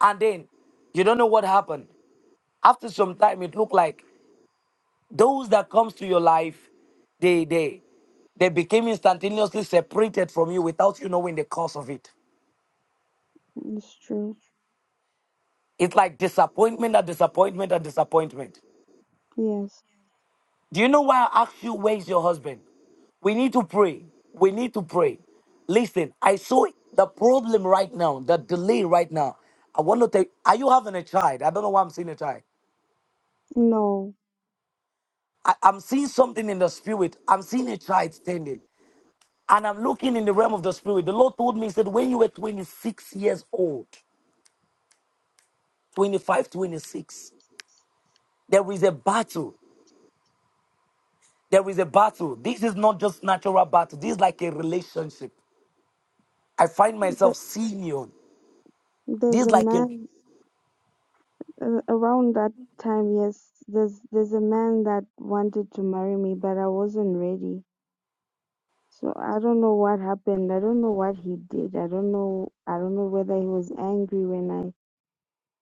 D: And then you don't know what happened. After some time, it looked like those that comes to your life, they they they became instantaneously separated from you without you knowing the cause of it.
G: It's true.
D: It's like disappointment and disappointment and disappointment.
G: Yes.
D: Do you know why I asked you, where's your husband? We need to pray. We need to pray. Listen, I saw the problem right now, the delay right now. I want to tell you, are you having a child? I don't know why I'm seeing a child.
G: No.
D: I, I'm seeing something in the spirit. I'm seeing a child standing. And I'm looking in the realm of the spirit. The Lord told me, He said, when you were 26 years old, 25, 26, there is a battle. There is a battle. This is not just natural battle. This is like a relationship. I find
G: Th-
D: myself senior.
G: there's
D: This
G: a
D: like a
G: man. Uh, Around that time, yes, there's there's a man that wanted to marry me, but I wasn't ready. So I don't know what happened. I don't know what he did. I don't know. I don't know whether he was angry when I.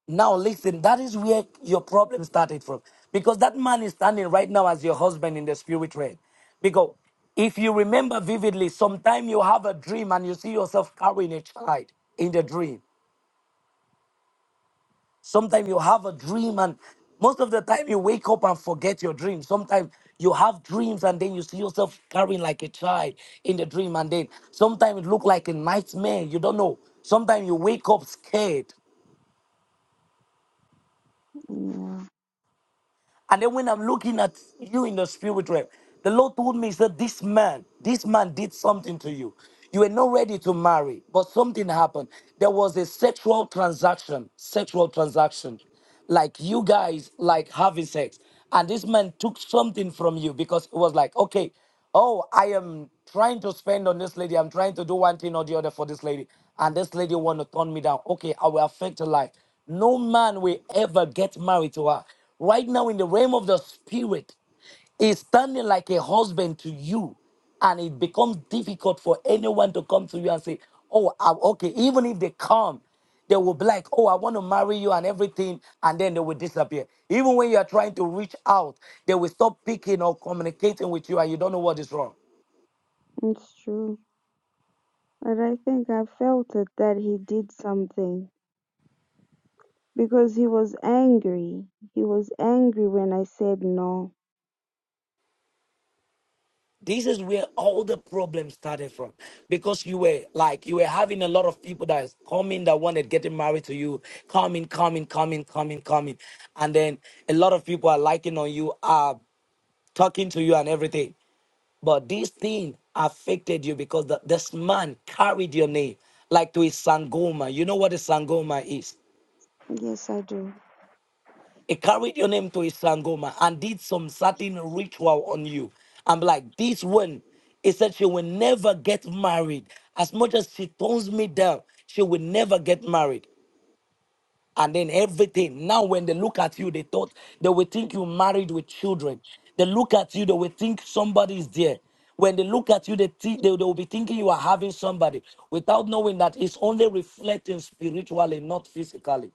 D: now listen, that is where your problem started from. Because that man is standing right now as your husband in the spirit realm. Because if you remember vividly, sometime you have a dream and you see yourself carrying a child in the dream. Sometimes you have a dream and most of the time you wake up and forget your dream. Sometimes you have dreams and then you see yourself carrying like a child in the dream and then sometimes it look like a nightmare. You don't know. Sometimes you wake up scared
G: Yeah,
D: And then when I'm looking at you in the spirit realm, the Lord told me, He said, This man, this man did something to you. You were not ready to marry, but something happened. There was a sexual transaction, sexual transaction, like you guys like having sex. And this man took something from you because it was like, okay, Oh, I am trying to spend on this lady. I'm trying to do one thing or the other for this lady. And this lady want to turn me down. Okay, I will affect her life. No man will ever get married to her. Right now, in the realm of the spirit, is standing like a husband to you and it becomes difficult for anyone to come to you and say, "Oh, I, okay." Even if they come, they will be like, "Oh, I want to marry you" and everything, and then they will disappear. Even when you are trying to reach out, they will stop picking or communicating with you, and you don't know what is wrong.
G: it's true. But I think I felt it that he did something because he was angry. He was angry when I said no.
D: This is where all the problems started from, because you were like you were having a lot of people that is coming that wanted getting married to you, coming, coming, coming, coming, coming, and then a lot of people are liking on you, are talking to you and everything. But this thing affected you because the, this man carried your name like to his sangoma. You know what a sangoma is?
G: Yes, I do.
D: He carried your name to his sangoma and did some certain ritual on you. I'm like, this one, he said she will never get married. As much as she tones me down, she will never get married. and then everything. Now, when they look at you, they thought they will think you married with children. They look at you, they will think somebody is there. When they look at you, they think they, they will be thinking you are having somebody without knowing that it's only reflecting spiritually, not physically.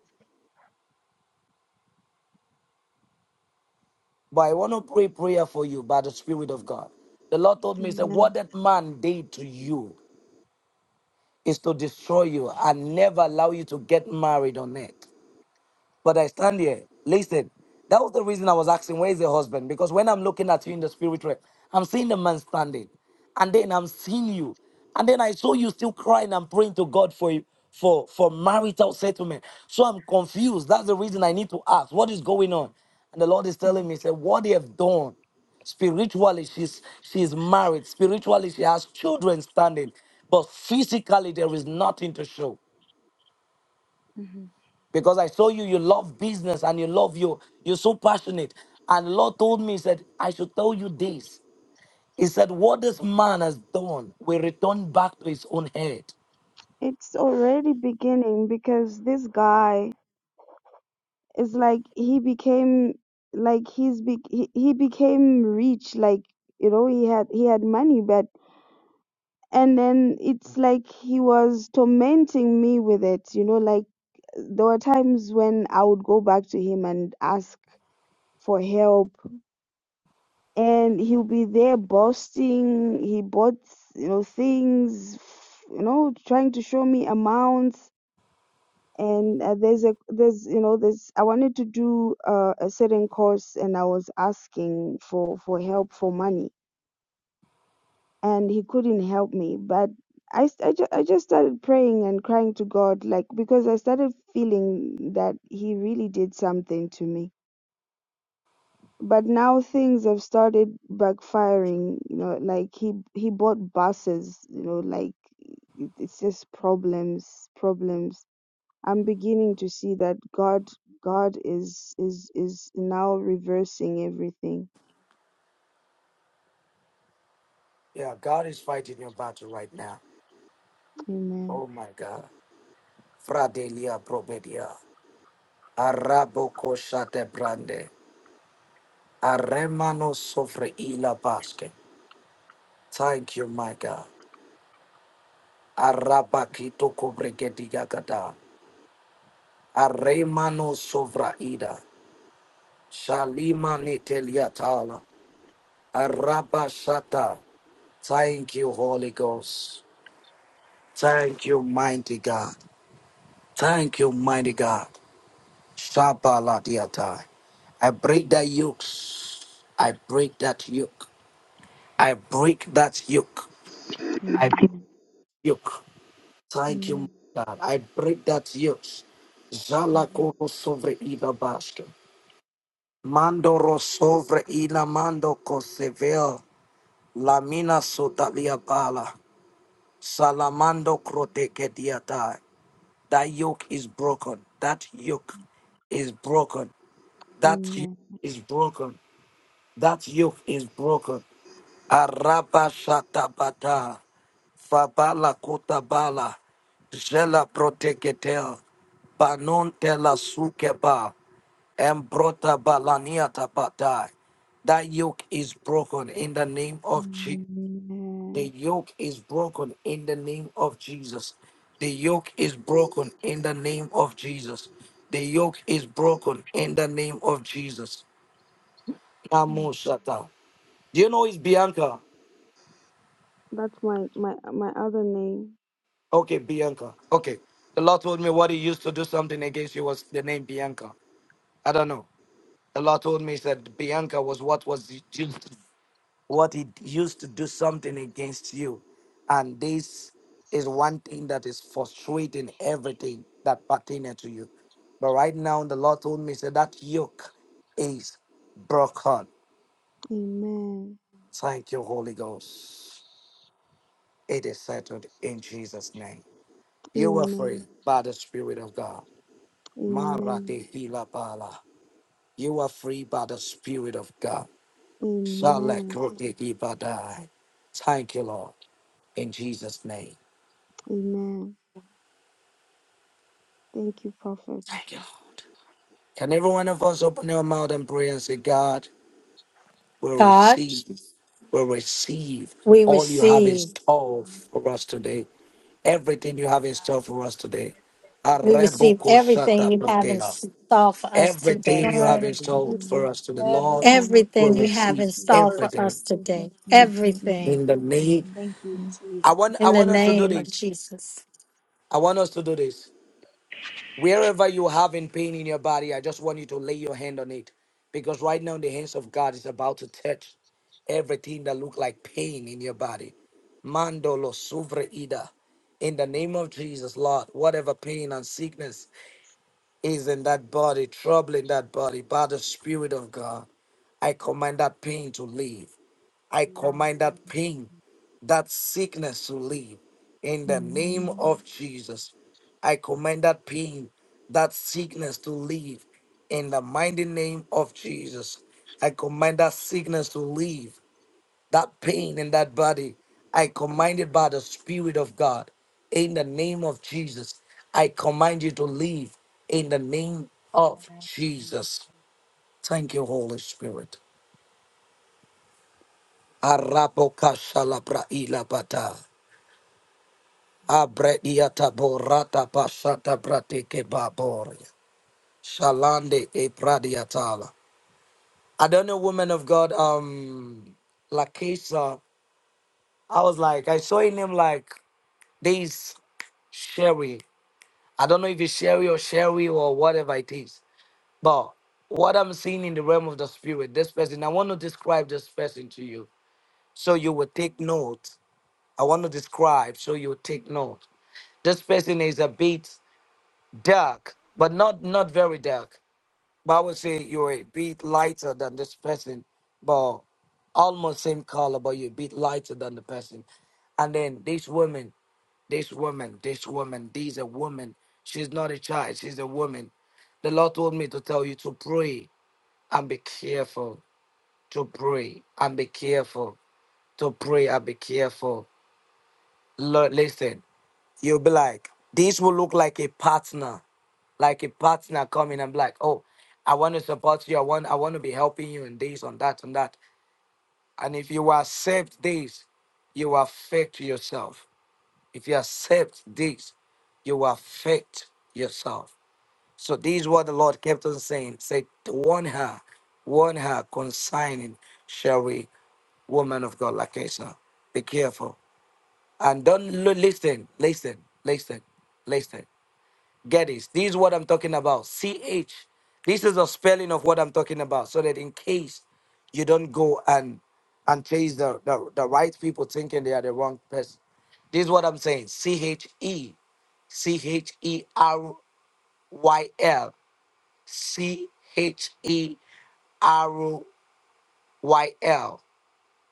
D: But I want to pray prayer for you by the Spirit of God. The Lord told me, He said, What
G: Amen.
D: that man did to you is to destroy you and never allow you to get married on earth. But I stand here. Listen, that was the reason I was asking, where is the husband? Because when I'm looking at you in the spirit realm, I'm seeing the man standing. And then I'm seeing you. And then I saw you still crying and praying to God for For, for marital settlement. So I'm confused. That's the reason I need to ask, what is going on? And the Lord is telling
G: Mhm.
D: me, he said, what they have done spiritually she's she's married spiritually she has children standing but physically there is nothing to show
G: Mhm.
D: because I saw you, you love business and you love you, you're so passionate. And the Lord told me, He said, I should tell you this. He said, What this man has done will return back to his own head.
G: It's already beginning because this guy it's like he became like he's be- he, he became rich like you know he had he had money but and then it's like he was tormenting me with it you know like there were times when i would go back to him and ask for help and he'll be there boasting he bought you know things you know trying to show me amounts and uh, there's a there's you know there's I wanted to do uh, a certain course and I was asking for for help for money and he couldn't help me but I, s- I, ju- I just started praying and crying to God like because I started feeling that he really did something to me but now things have started backfiring you know like he he bought buses you know like it- it's just problems problems I'm beginning to see that God God is is is now reversing everything.
D: Yeah, God is fighting your battle right now.
G: Amen.
D: Oh my God. Fradelia probedia. Araboko shate brande. Aremano sofre ila basque. Thank you, my God. Arabakito kobregediga gada. Aremano sovra ida. Shalima Niteliatala. Arabashata. Thank you, Holy Ghost. Thank you, mighty God. Thank you, mighty God. Shabaladiatai. I break that yokes. I break that yoke. I break that yoke. I break
G: Amen.
D: yoke. Thank you, my
G: Amen.
D: God. I break that yoke. Zalakoro sobre ida basket. Mandoro sobre ina mando cosevel. Lamina sotalia bala. Salamando kroteke diata. That yoke is broken. That yoke is broken. That yoke
G: Amen. Amen.
D: is broken. That yoke is broken. Araba shatabata. Fabala kotabala. jela proteketel. Banon tela sukeba. Embrota balania tapatai. That yoke is broken in the name of Jesus. The
G: Amen.
D: yoke is broken in the name of Jesus. The yoke is broken in the name of Jesus. The yoke is broken in the name of Jesus.
G: Mm.
D: Namo Do you know it's Bianca?
G: That's my my my other name.
D: Okay, Bianca. Okay. The Lord told me what he used to do something against you was the name Bianca. I don't know. The Lord told me he said Bianca was what was used what he used to do something against you. And this is one thing that is frustrating everything that pertains to you. But right now, the Lord told me, said that yoke is broken.
G: Amen.
D: Thank you, Holy Ghost. It is settled in Jesus' name. You are free
G: Amen.
D: by the Spirit of God. Mara
G: Amen.
D: de hila You are free by the Spirit of God. Shalek
G: Amen.
D: rote ibadai. Thank you, Lord, in Jesus' name.
G: Amen. Thank you, Prophet.
D: Can every one of us open our mouth and pray and say, God, will
A: God,
D: receive, will receive
A: we
D: all you have in
A: receive
D: store for us today. Everything you have in store for us today.
A: we receive everything
D: Arebokoshata
A: you have in
D: pratea.
A: store for us today.
D: Everything you have
C: God,
D: in store
C: please,
D: for us today,
C: every
D: Lord,
G: Amen.
D: will
A: Everything you have
D: receive
A: in store
C: word.
A: for
D: everything
A: us today. Everything
D: in the name.
C: Thank you, Jesus.
D: I want
A: in
D: I
A: the
D: want us to do
A: name of
D: this.
A: Jesus.
D: I want us to do this. Wherever you having pain in your body, I just want you to lay your hand on it. Because right now the hands of God is about to touch everything that look like pain in your body. Mandolo suvre ida. In the name of Jesus, Lord, whatever pain and sickness is in that body, troubling that body, by the Spirit of God, I command that pain to leave. I command
B: Jesus.
D: that pain that sickness to leave in the name
G: Amen.
D: of Jesus. I command that pain, that sickness to leave in the mighty name of Jesus. I command that sickness to leave, that pain in that body. I command it by the Spirit of God in the name of Jesus. I command you to leave in the name of Jesus. Thank you, Holy Spirit. Arabokashalabra ilabata. Abrediata borata pasata pratike baboria. Shalande e pradiatala. I don't know, woman of God, um, Lakesa. I was like, I saw in him like this Sherry. I don't know if it's Sherry or Sherry or whatever it is. But what I'm seeing in the realm of the spirit, this person, I want to describe this person to you so you will take note. I want to describe so you will take note. This person is a bit dark, but not not very dark. But I would say you're a bit lighter than this person, but almost same color, but you're a bit lighter than the person. And then this woman, this woman, this woman, this a woman. She's not a child, she's a woman. The Lord told me to tell you to pray and be careful. To pray and be careful. To pray and be careful. Lord, listen, you'll be like, this will look like a partner like a partner coming and be like, oh, I want to support you. I want I want to be helping you in this, on that, on that. And if you accept this, you affect yourself. If you accept this, you affect yourself. So this is what the Lord kept on saying. Say, warn her, warn her consigning, shall we, woman of God, like Asa. Be careful. And don't lo- listen, listen, listen, listen. Get this. This is what I'm talking about. CH. This is the spelling of what I'm talking about. So that in case you don't go and and chase the, the, the right people thinking they are the wrong person. This is what I'm saying. C H E C H E R Y L C H E R Y L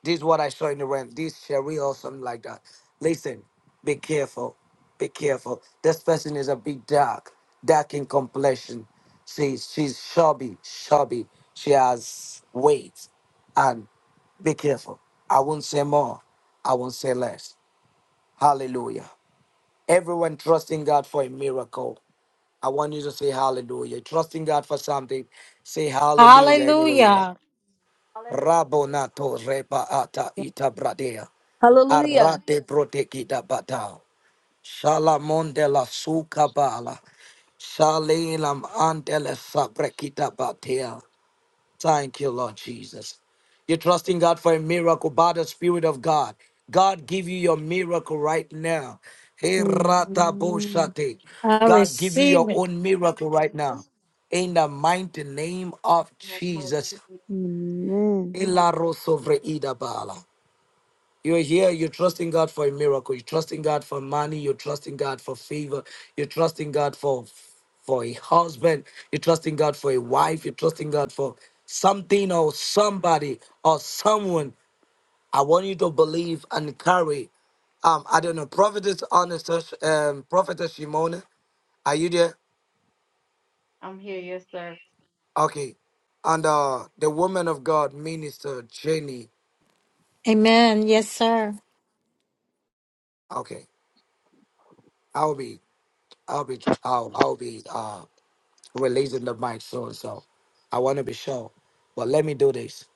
D: this is what I saw in the realm. This Sharia or something like that. Listen, be careful. Be careful. This person is a bit dark, dark in complexion. She's she's chubby, chubby. She has weight. And be careful. I won't say more. I won't say less. Hallelujah. Everyone trusting God for a miracle. I want you to say hallelujah. Trusting God for something. Say hallelujah anywhere you are.
A: Hallelujah.
D: Rabonato repa ata ita bradea.
C: Hallelujah.
D: Arate protegida bata. Shalamon de la suka bala. Shalelam andele sabrekita batea. Thank you, Lord Jesus. You're trusting God for a miracle by the Spirit of God. God give you your miracle right now. Hey, rata
G: Amen.
D: boshate.
A: I
D: God give you
A: receive
D: your
A: it.
D: own miracle right now. In the mighty name of Jesus.
G: Amen.
D: Ila rosovre idabala. You're here, you're trusting God for a miracle, you're trusting God for money, you're trusting God for favor, you're trusting God for for a husband, you're trusting God for a wife, you're trusting God for something or somebody or someone. I want you to believe and carry. Um, I don't know, prophetess honest um prophetess Shimona, are you there?
B: I'm here, yes, sir.
D: Okay. And uh the woman of God, minister Jenny.
A: Amen. Yes, sir.
D: Okay. I'll be I'll be I'll I'll be uh releasing the mic so and so. I want to be sure. But let me do this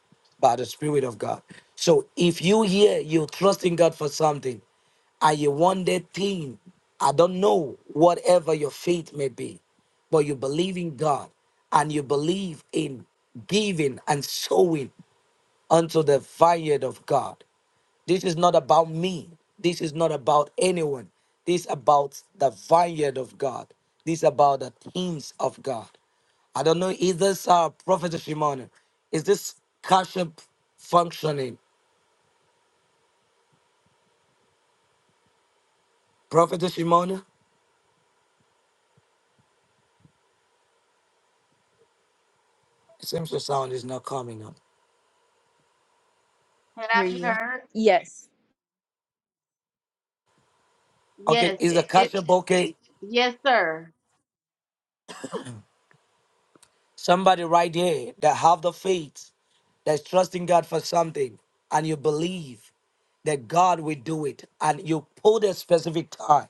D: by the Spirit of God. So if you hear you trusting God for something and you want that thing, I don't know, whatever your faith may be, but you believe in God and you believe in giving and sowing unto the vineyard of God. This is not about me. This is not about anyone. This is about the vineyard of God. This is about the things of God. I don't know, is this uh, Prophet Shimon? Is this Kashyap functioning? Prophet Shimon? It seems the sound is not coming up.
B: Can
C: Hear
B: I be
C: you.
B: heard?
C: Yes.
D: Okay,
B: Yes,
D: is the
B: it, it,
D: Kashyap okay?
B: yes, sir.
D: Somebody right here that have the faith, that's trusting God for something, and you believe that God will do it, and you put a specific time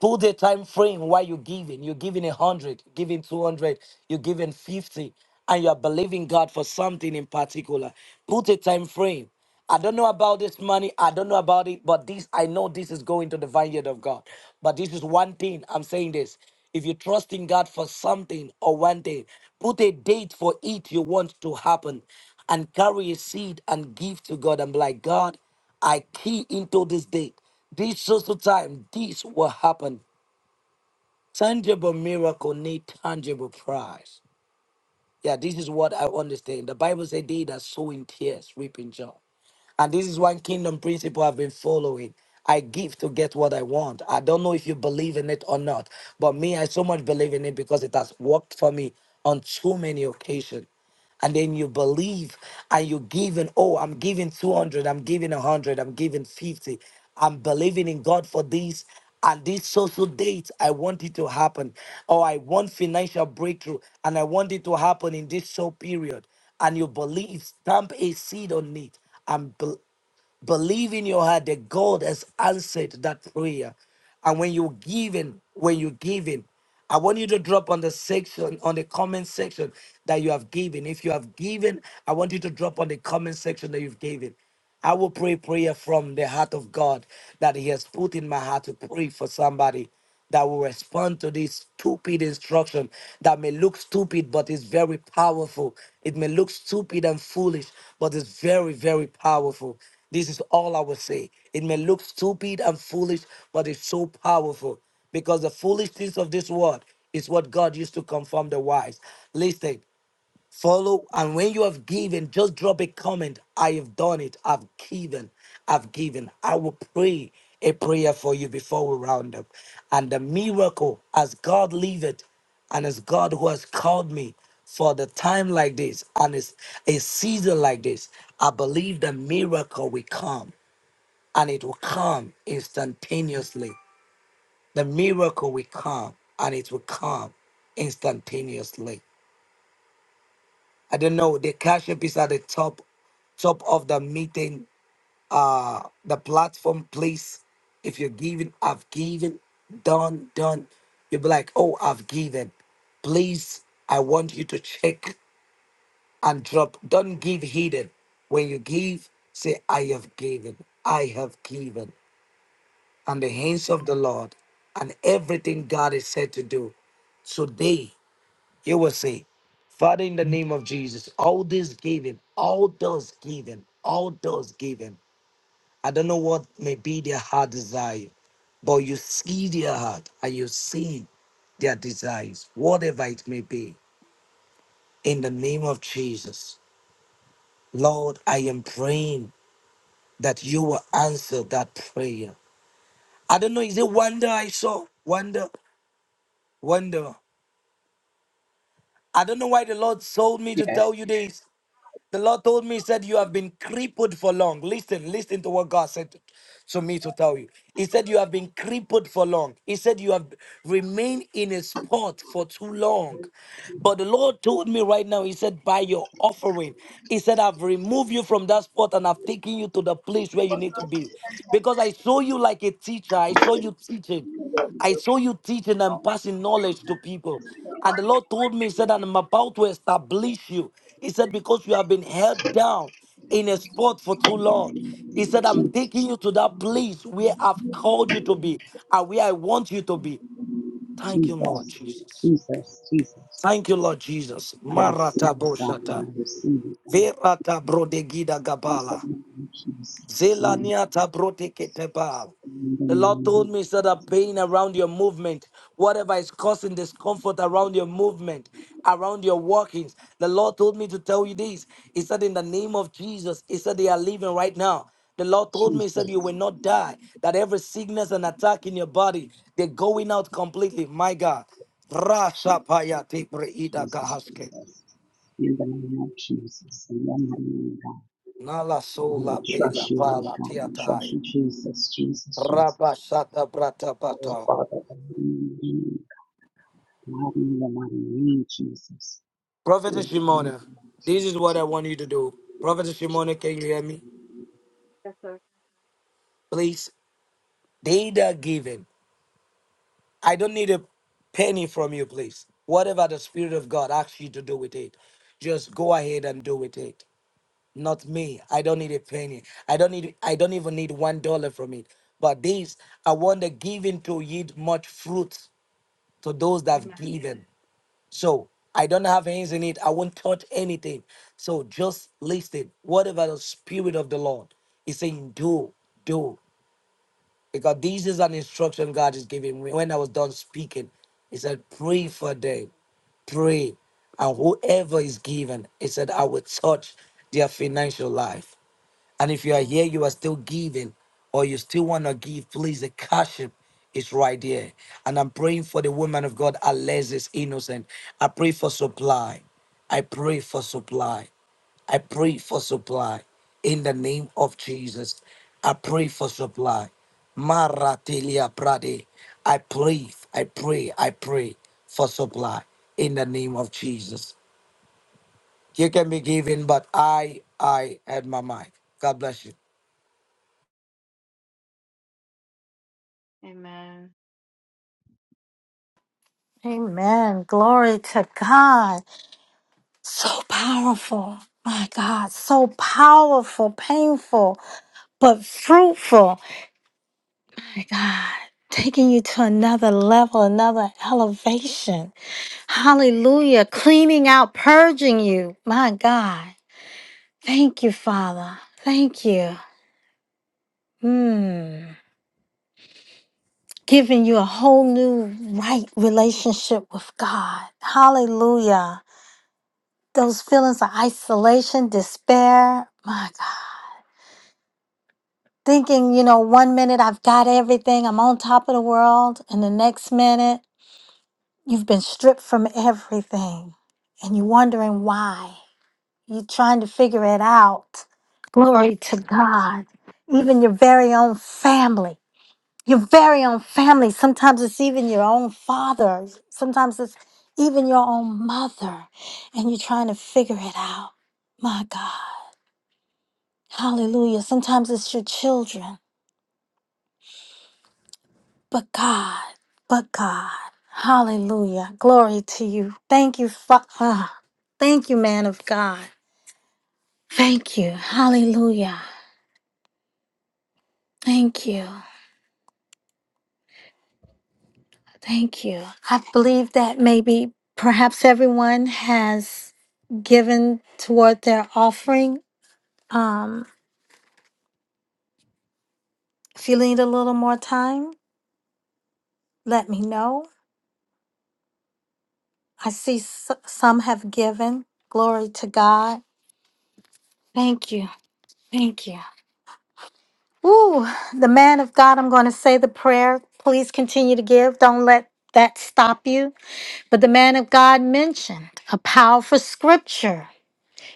D: Put the time frame while you're giving. You're giving a hundred, you're giving two hundred, you're giving fifty, and you're believing God for something in particular. Put a time frame. I don't know about this money. I don't know about it, but this I know this is going to the vineyard of God. But this is one thing I'm saying this. If you trust in God for something or one thing, put a date for it you want to happen and carry a seed and give to God I'm like, God, I key into this date. This social time, this will happen. Tangible miracle need tangible prize. Yeah, this is what I understand. The Bible said they that sow in tears, reap in joy. And this is one kingdom principle I've been following. I give to get what I want. I don't know if you believe in it or not, but me, I so much believe in it because it has worked for me on too many occasions and then you believe and you're giving oh i'm giving 200 i'm giving 100 i'm giving 50 i'm believing in god for this and this social date i want it to happen or i want financial breakthrough and i want it to happen in this short period and you believe stamp a seed on it and believe. Believe in your heart that God has answered that prayer. And when you're giving, when you're giving, I want you to drop on the section, on the comment section that you have given. If you have given, I want you to drop on the comment section that you've given. I will pray prayer from the heart of God that He has put in my heart to pray for somebody that will respond to this stupid instruction that may look stupid but is very powerful. It may look stupid and foolish, but it's very, very powerful. This is all I will say. It may look stupid and foolish, but it's so powerful because the foolishness of this world is what God used to confirm the wise. Listen, Follow, and when you have given, just drop a comment. I have done it. I've given. I've given. I will pray a prayer for you before we round up. And the miracle, as God liveth, and as God who has called me for the time like this, and it's a season like this, I believe the miracle will come, and it will come instantaneously. The miracle will come, and it will come instantaneously. I don't know. The cash app is at the top, top of the meeting. Uh, the platform, please. If you're giving, I've given, done, done. You'll be like, oh, I've given. Please, I want you to check and drop. Don't give hidden. When you give, say, I have given. I have given. And the hands of the Lord and everything God is said to do today you will say, Father, in the name of Jesus, all this give him, all those give him, all those give him. I don't know what may be their heart desire, but you see their heart and you see their desires, whatever it may be. In the name of Jesus, Lord, I am praying that you will answer that prayer. I don't know, is it wonder I saw? Wonder, wonder. I don't know why the Lord told me to
H: Yes.
D: tell you this. The Lord told me, He said, You have been crippled for long. Listen, listen to what God said to to me to tell you. He said, You have been crippled for long. He said, You have remained in a spot for too long. But the Lord told me right now, He said, By your offering, He said, I've removed you from that spot and I've taken you to the place where you need to be. Because I saw you like a teacher, I saw you teaching. I saw you teaching and passing knowledge to people. And the Lord told me, He said, and I'm about to establish you. He said, because you have been held down in a spot for too long. He said, I'm taking you to that place where I've called you to be and where I want you to be. Thank you, Lord
H: Jesus.
D: Jesus.
H: Jesus. Jesus.
D: Thank you, Lord Jesus.
H: I receive
D: Marata
H: it, God.
D: boshata.
H: I receive it, God.
D: Verata brodegida
H: In the
D: gabala.
H: name of Jesus. In the name
D: Zelaniata
H: of Jesus.
D: broteketeba.
H: in the
D: The Lord told
H: name
D: me, so
H: of
D: that
H: Jesus.
D: pain around your movement, whatever is causing discomfort around your movement, around your workings. the Lord told me to tell you this. He said, in the name of Jesus, He said, they are living right now. The Lord told me, He said, you
H: Jesus.
D: will not die. That every sickness and attack in your body, they're going out completely. My God.
H: Jesus.
D: Rasapaya tebre
H: Jesus.
D: kahaske.
H: Jesus. In the name of Jesus. In the name of God.
D: Nala
H: We will
D: sola bela
H: trust you, Lord
D: pala
H: God. We trust
D: tiatai.
H: you, Jesus. Jesus. Jesus.
D: Rabashata
H: Oh,
D: Bratapata.
H: Father, in the name of God, in the mighty name of Jesus.
D: Prophetess
H: Oh, God, in
D: Shimona,
H: the mighty
D: this is
H: name
D: what
H: of
D: I want you to do. Prophetess Shimona,
H: Jesus.
D: can you hear me? Please. They that given. I don't need a penny from you, please. Whatever the Spirit of God asks you to do with it, just go ahead and do with it. Not me. I don't need a penny. I don't need I don't even need one dollar from it. But this I want the giving to yield much fruit to those that have given. So I don't have hands in it. I won't touch anything. So just listen. Whatever the spirit of the Lord is saying, do, do. Because this is an instruction God is giving me. When I was done speaking, He said, pray for them. Pray. And whoever is given, He said, I will touch their financial life. And if you are here, you are still giving, or you still want to give, please, the cash app is right there. And I'm praying for the woman of God, Alexis Innocent. I pray for supply. I pray for supply. I pray for supply in the name of Jesus. I pray for supply. Maratelia Prade. I pray, I pray, I pray for supply in the name of Jesus. You can be giving, but I, I had my mic. God bless you.
B: Amen.
A: Amen. Glory to God. So powerful. My God. So powerful, painful, but fruitful. My God. Taking you to another level, another elevation. Hallelujah. Cleaning out, purging you. My God. Thank you, Father. Thank you. Mm giving you a whole new right relationship with God. Hallelujah. Those feelings of isolation, despair, my God. Thinking, you know, one minute I've got everything, I'm on top of the world, and the next minute you've been stripped from everything and you're wondering why. You're trying to figure it out. Glory to God. Even your very own family, your very own family. Sometimes it's even your own father. Sometimes it's even your own mother. And you're trying to figure it out. My God. Hallelujah. Sometimes it's your children, but God, but God. Hallelujah. Glory to you. Thank you, Father. Thank you, man of God. Thank you. Hallelujah. Thank you. Thank you. I believe that maybe perhaps everyone has given toward their offering. Um, if you need a little more time, let me know. I see s- some have given. Glory to God. Thank you. Thank you. Woo, the man of God, I'm going to say the prayer. Please continue to give. Don't let that stop you. But the man of God mentioned a powerful scripture.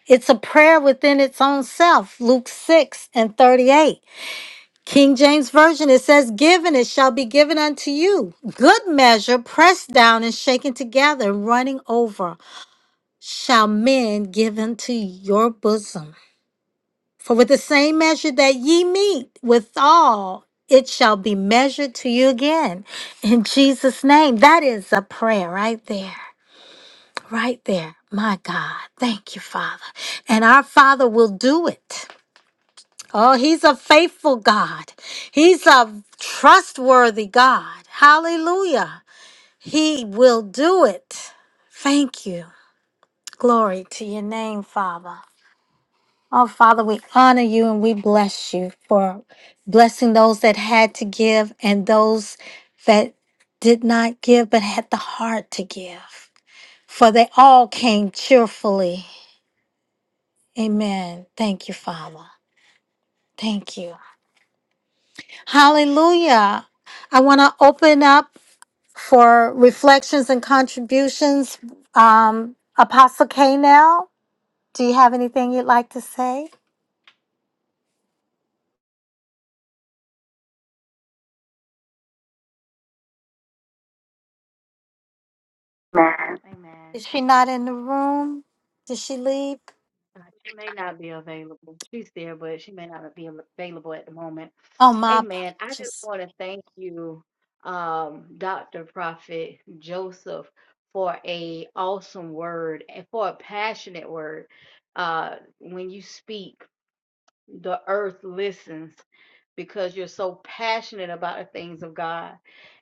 A: It's a prayer within its own self, Luke 6 and 38. King James Version, it says, Given it shall be given unto you. Good measure, pressed down and shaken together, running over, shall men give unto your bosom. For with the same measure that ye meet withal, it shall be measured to you again. In Jesus' name, that is a prayer right there, right there. My God, thank you, Father. And our Father will do it. Oh, He's a faithful God, He's a trustworthy God. Hallelujah. He will do it. Thank you. Glory to your name, Father. Oh, Father, we honor you and we bless you for blessing those that had to give and those that did not give but had the heart to give. For they all came cheerfully. Amen. Thank you, Father. Thank you. Hallelujah. I want to open up for reflections and contributions. Um, Apostle K now, do you have anything you'd like to say?
B: Amen.
A: Is she not in the room? Did she leave?
B: Uh, She may not be available. She's there, but she may not be av- available at the moment.
A: Oh, my
B: Amen. I just
A: apologies.
B: want to thank you, um, Dr. Prophet Joseph, for a awesome word and for a passionate word. Uh, when you speak, the earth listens because you're so passionate about the things of God.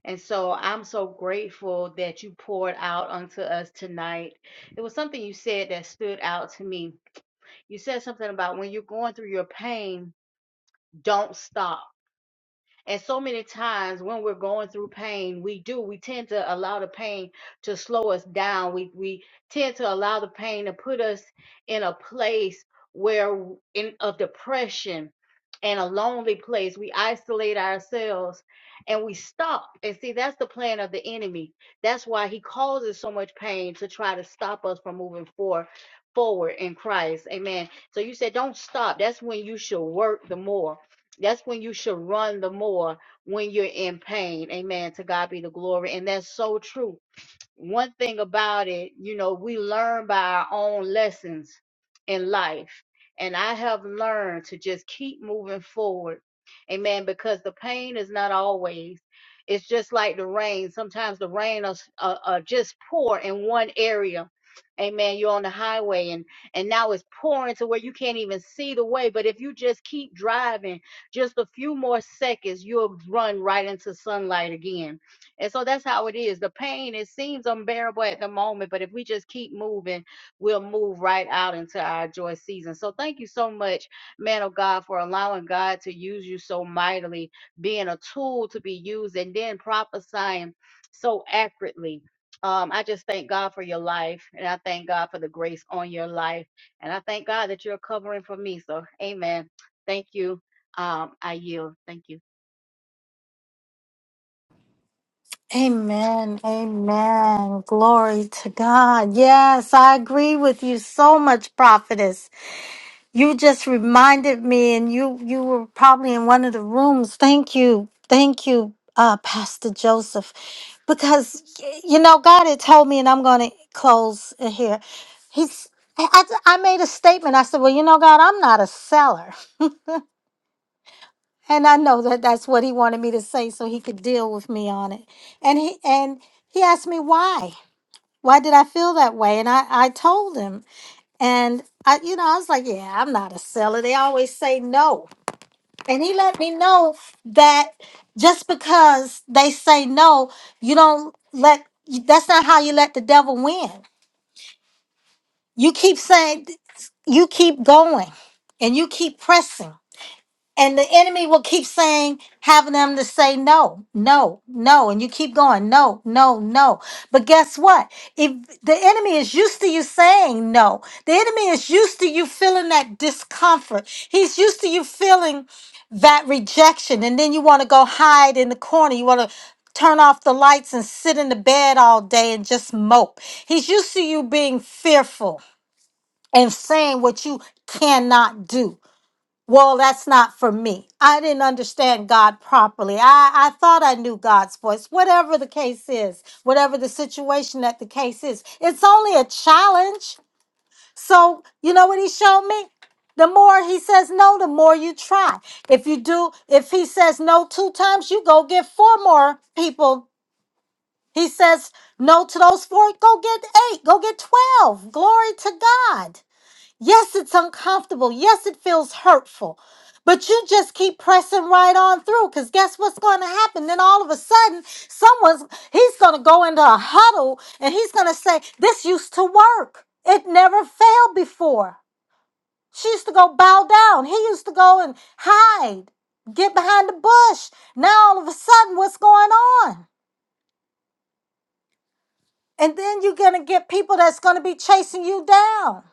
B: And so I'm so grateful that you poured out onto us tonight. It was something you said that stood out to me you said something about when you're going through your pain, don't stop. And so many times when we're going through pain, we do, we tend to allow the pain to slow us down. We, we tend to allow the pain to put us in a place where in of depression and a lonely place. We isolate ourselves and we stop. And see, that's the plan of the enemy. That's why he causes so much pain to try to stop us from moving forward forward in Christ. Amen. So you said don't stop. That's when you should work the more. That's when you should run the more when you're in pain. Amen. To God be the glory. And that's so true one thing about it, you know, we learn by our own lessons in life. And I have learned to just keep moving forward. Amen. Because the pain is not always, it's just like the rain. Sometimes the rain is uh, uh, just pour in one area. Amen. You're on the highway and and now it's pouring to where you can't even see the way. But if you just keep driving just a few more seconds, you'll run right into sunlight again. And so that's how it is. The pain, it seems unbearable at the moment, but if we just keep moving, we'll move right out into our joy season. So thank you so much, man of God, for allowing God to use you so mightily, being a tool to be used, and then prophesying so accurately. Um, I just thank God for your life, and I thank God for the grace on your life, and I thank God that you're covering for me. So, amen. Thank you. Um, I yield. Thank you.
A: Amen. Amen. Glory to God. Yes, I agree with you so much, prophetess. You just reminded me, and you you were probably in one of the rooms. Thank you. Thank you, uh, Pastor Joseph. Because y- you know, God had told me, and I'm gonna close here. He's I, I I made a statement. I said, Well, you know, God, I'm not a seller. and I know that that's what he wanted me to say so he could deal with me on it. And he and he asked me why. Why did I feel that way? And I I told him. And I you know, I was like, yeah, I'm not a seller. They always say no. And he let me know that just because they say no, you don't let you- that's not how you let the devil win. You keep saying you keep going and you keep pressing And the enemy will keep saying, having them to say no, no, no. And you keep going, no, no, no. But guess what? If the enemy is used to you saying no, the enemy is used to you feeling that discomfort. He's used to you feeling that rejection. And then you want to go hide in the corner. You want to turn off the lights and sit in the bed all day and just mope. He's used to you being fearful and saying what you cannot do well, that's not for me. I didn't understand God properly. I, I thought I knew God's voice. Whatever the case is, whatever the situation that the case is, it's only a challenge. So, you know what he showed me? The more he says no, the more you try. If you do, if he says no two times, you go get four more people. He says no to those four, go get eight, go get 12. Glory to God. Yes, it's uncomfortable. Yes, it feels hurtful. But you just keep pressing right on through because guess what's going to happen? Then all of a sudden, someone's, he's going to go into a huddle and he's going to say, This used to work. It never failed before. She used to go bow down. He used to go and hide, get behind the bush. Now all of a sudden, what's going on? And then you're going to get people that's going to be chasing you down.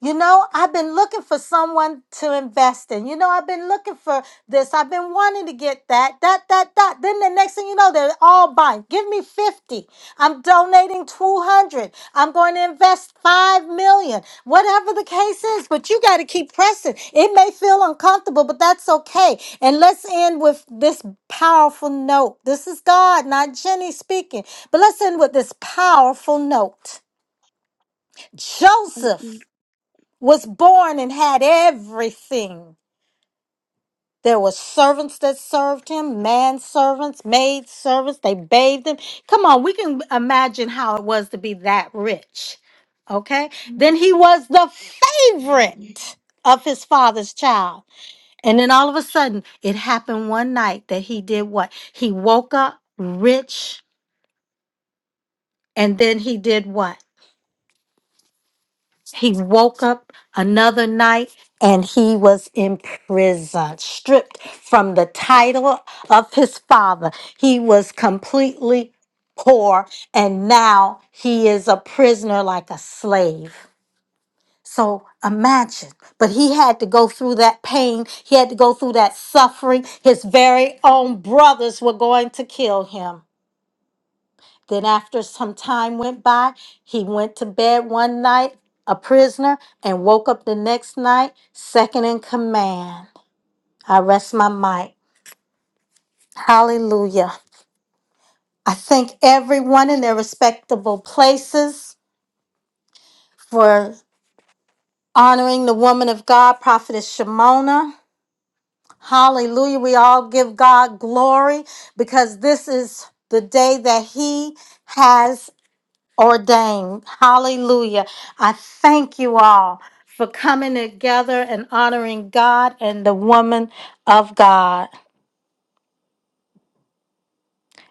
A: You know, I've been looking for someone to invest in. You know, I've been looking for this. I've been wanting to get that, that, that, that. Then the next thing you know, they're all buying. Give me 50. I'm donating 200. I'm going to invest 5 million. Whatever the case is, but you got to keep pressing. It may feel uncomfortable, but that's okay. And let's end with this powerful note. This is God, not Jenny speaking. But let's end with this powerful note.
G: Um,
A: Joseph was born and had everything. There were servants that served him, manservants, maid servants, they bathed him. Come on, we can imagine how it was to be that rich. Okay? Then he was the favorite of his father's child. And then all of a sudden, it happened one night that he did what? He woke up rich and then he did what? He woke up another night and he was in prison, stripped from the title of his father. He was completely poor and now he is a prisoner like a slave. So imagine, but he had to go through that pain. He had to go through that suffering. His very own brothers were going to kill him. Then, after some time went by, he went to bed one night a prisoner and woke up the next night second in command. I rest my mic. Hallelujah. I thank everyone in their respectable places for honoring the woman of God, Prophetess Shimona. Hallelujah. We all give God glory because this is the day that He has ordained. Hallelujah. I thank you all for coming together and honoring God and the woman of God.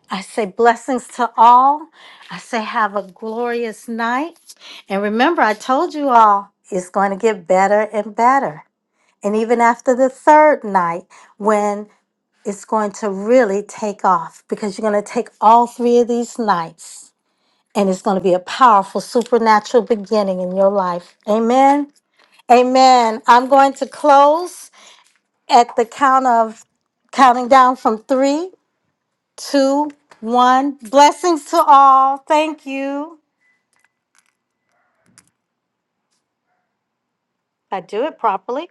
A: I say blessings to all. I say have a glorious night. And remember, I told you all it's going to get better and better. And even after the third night, when it's going to really take off, because you're going to take all three of these nights and it's going to be a powerful supernatural beginning in your life. Amen. Amen. I'm going to close at the count of counting down from three, two, one. Blessings to all. Thank you. I do it properly.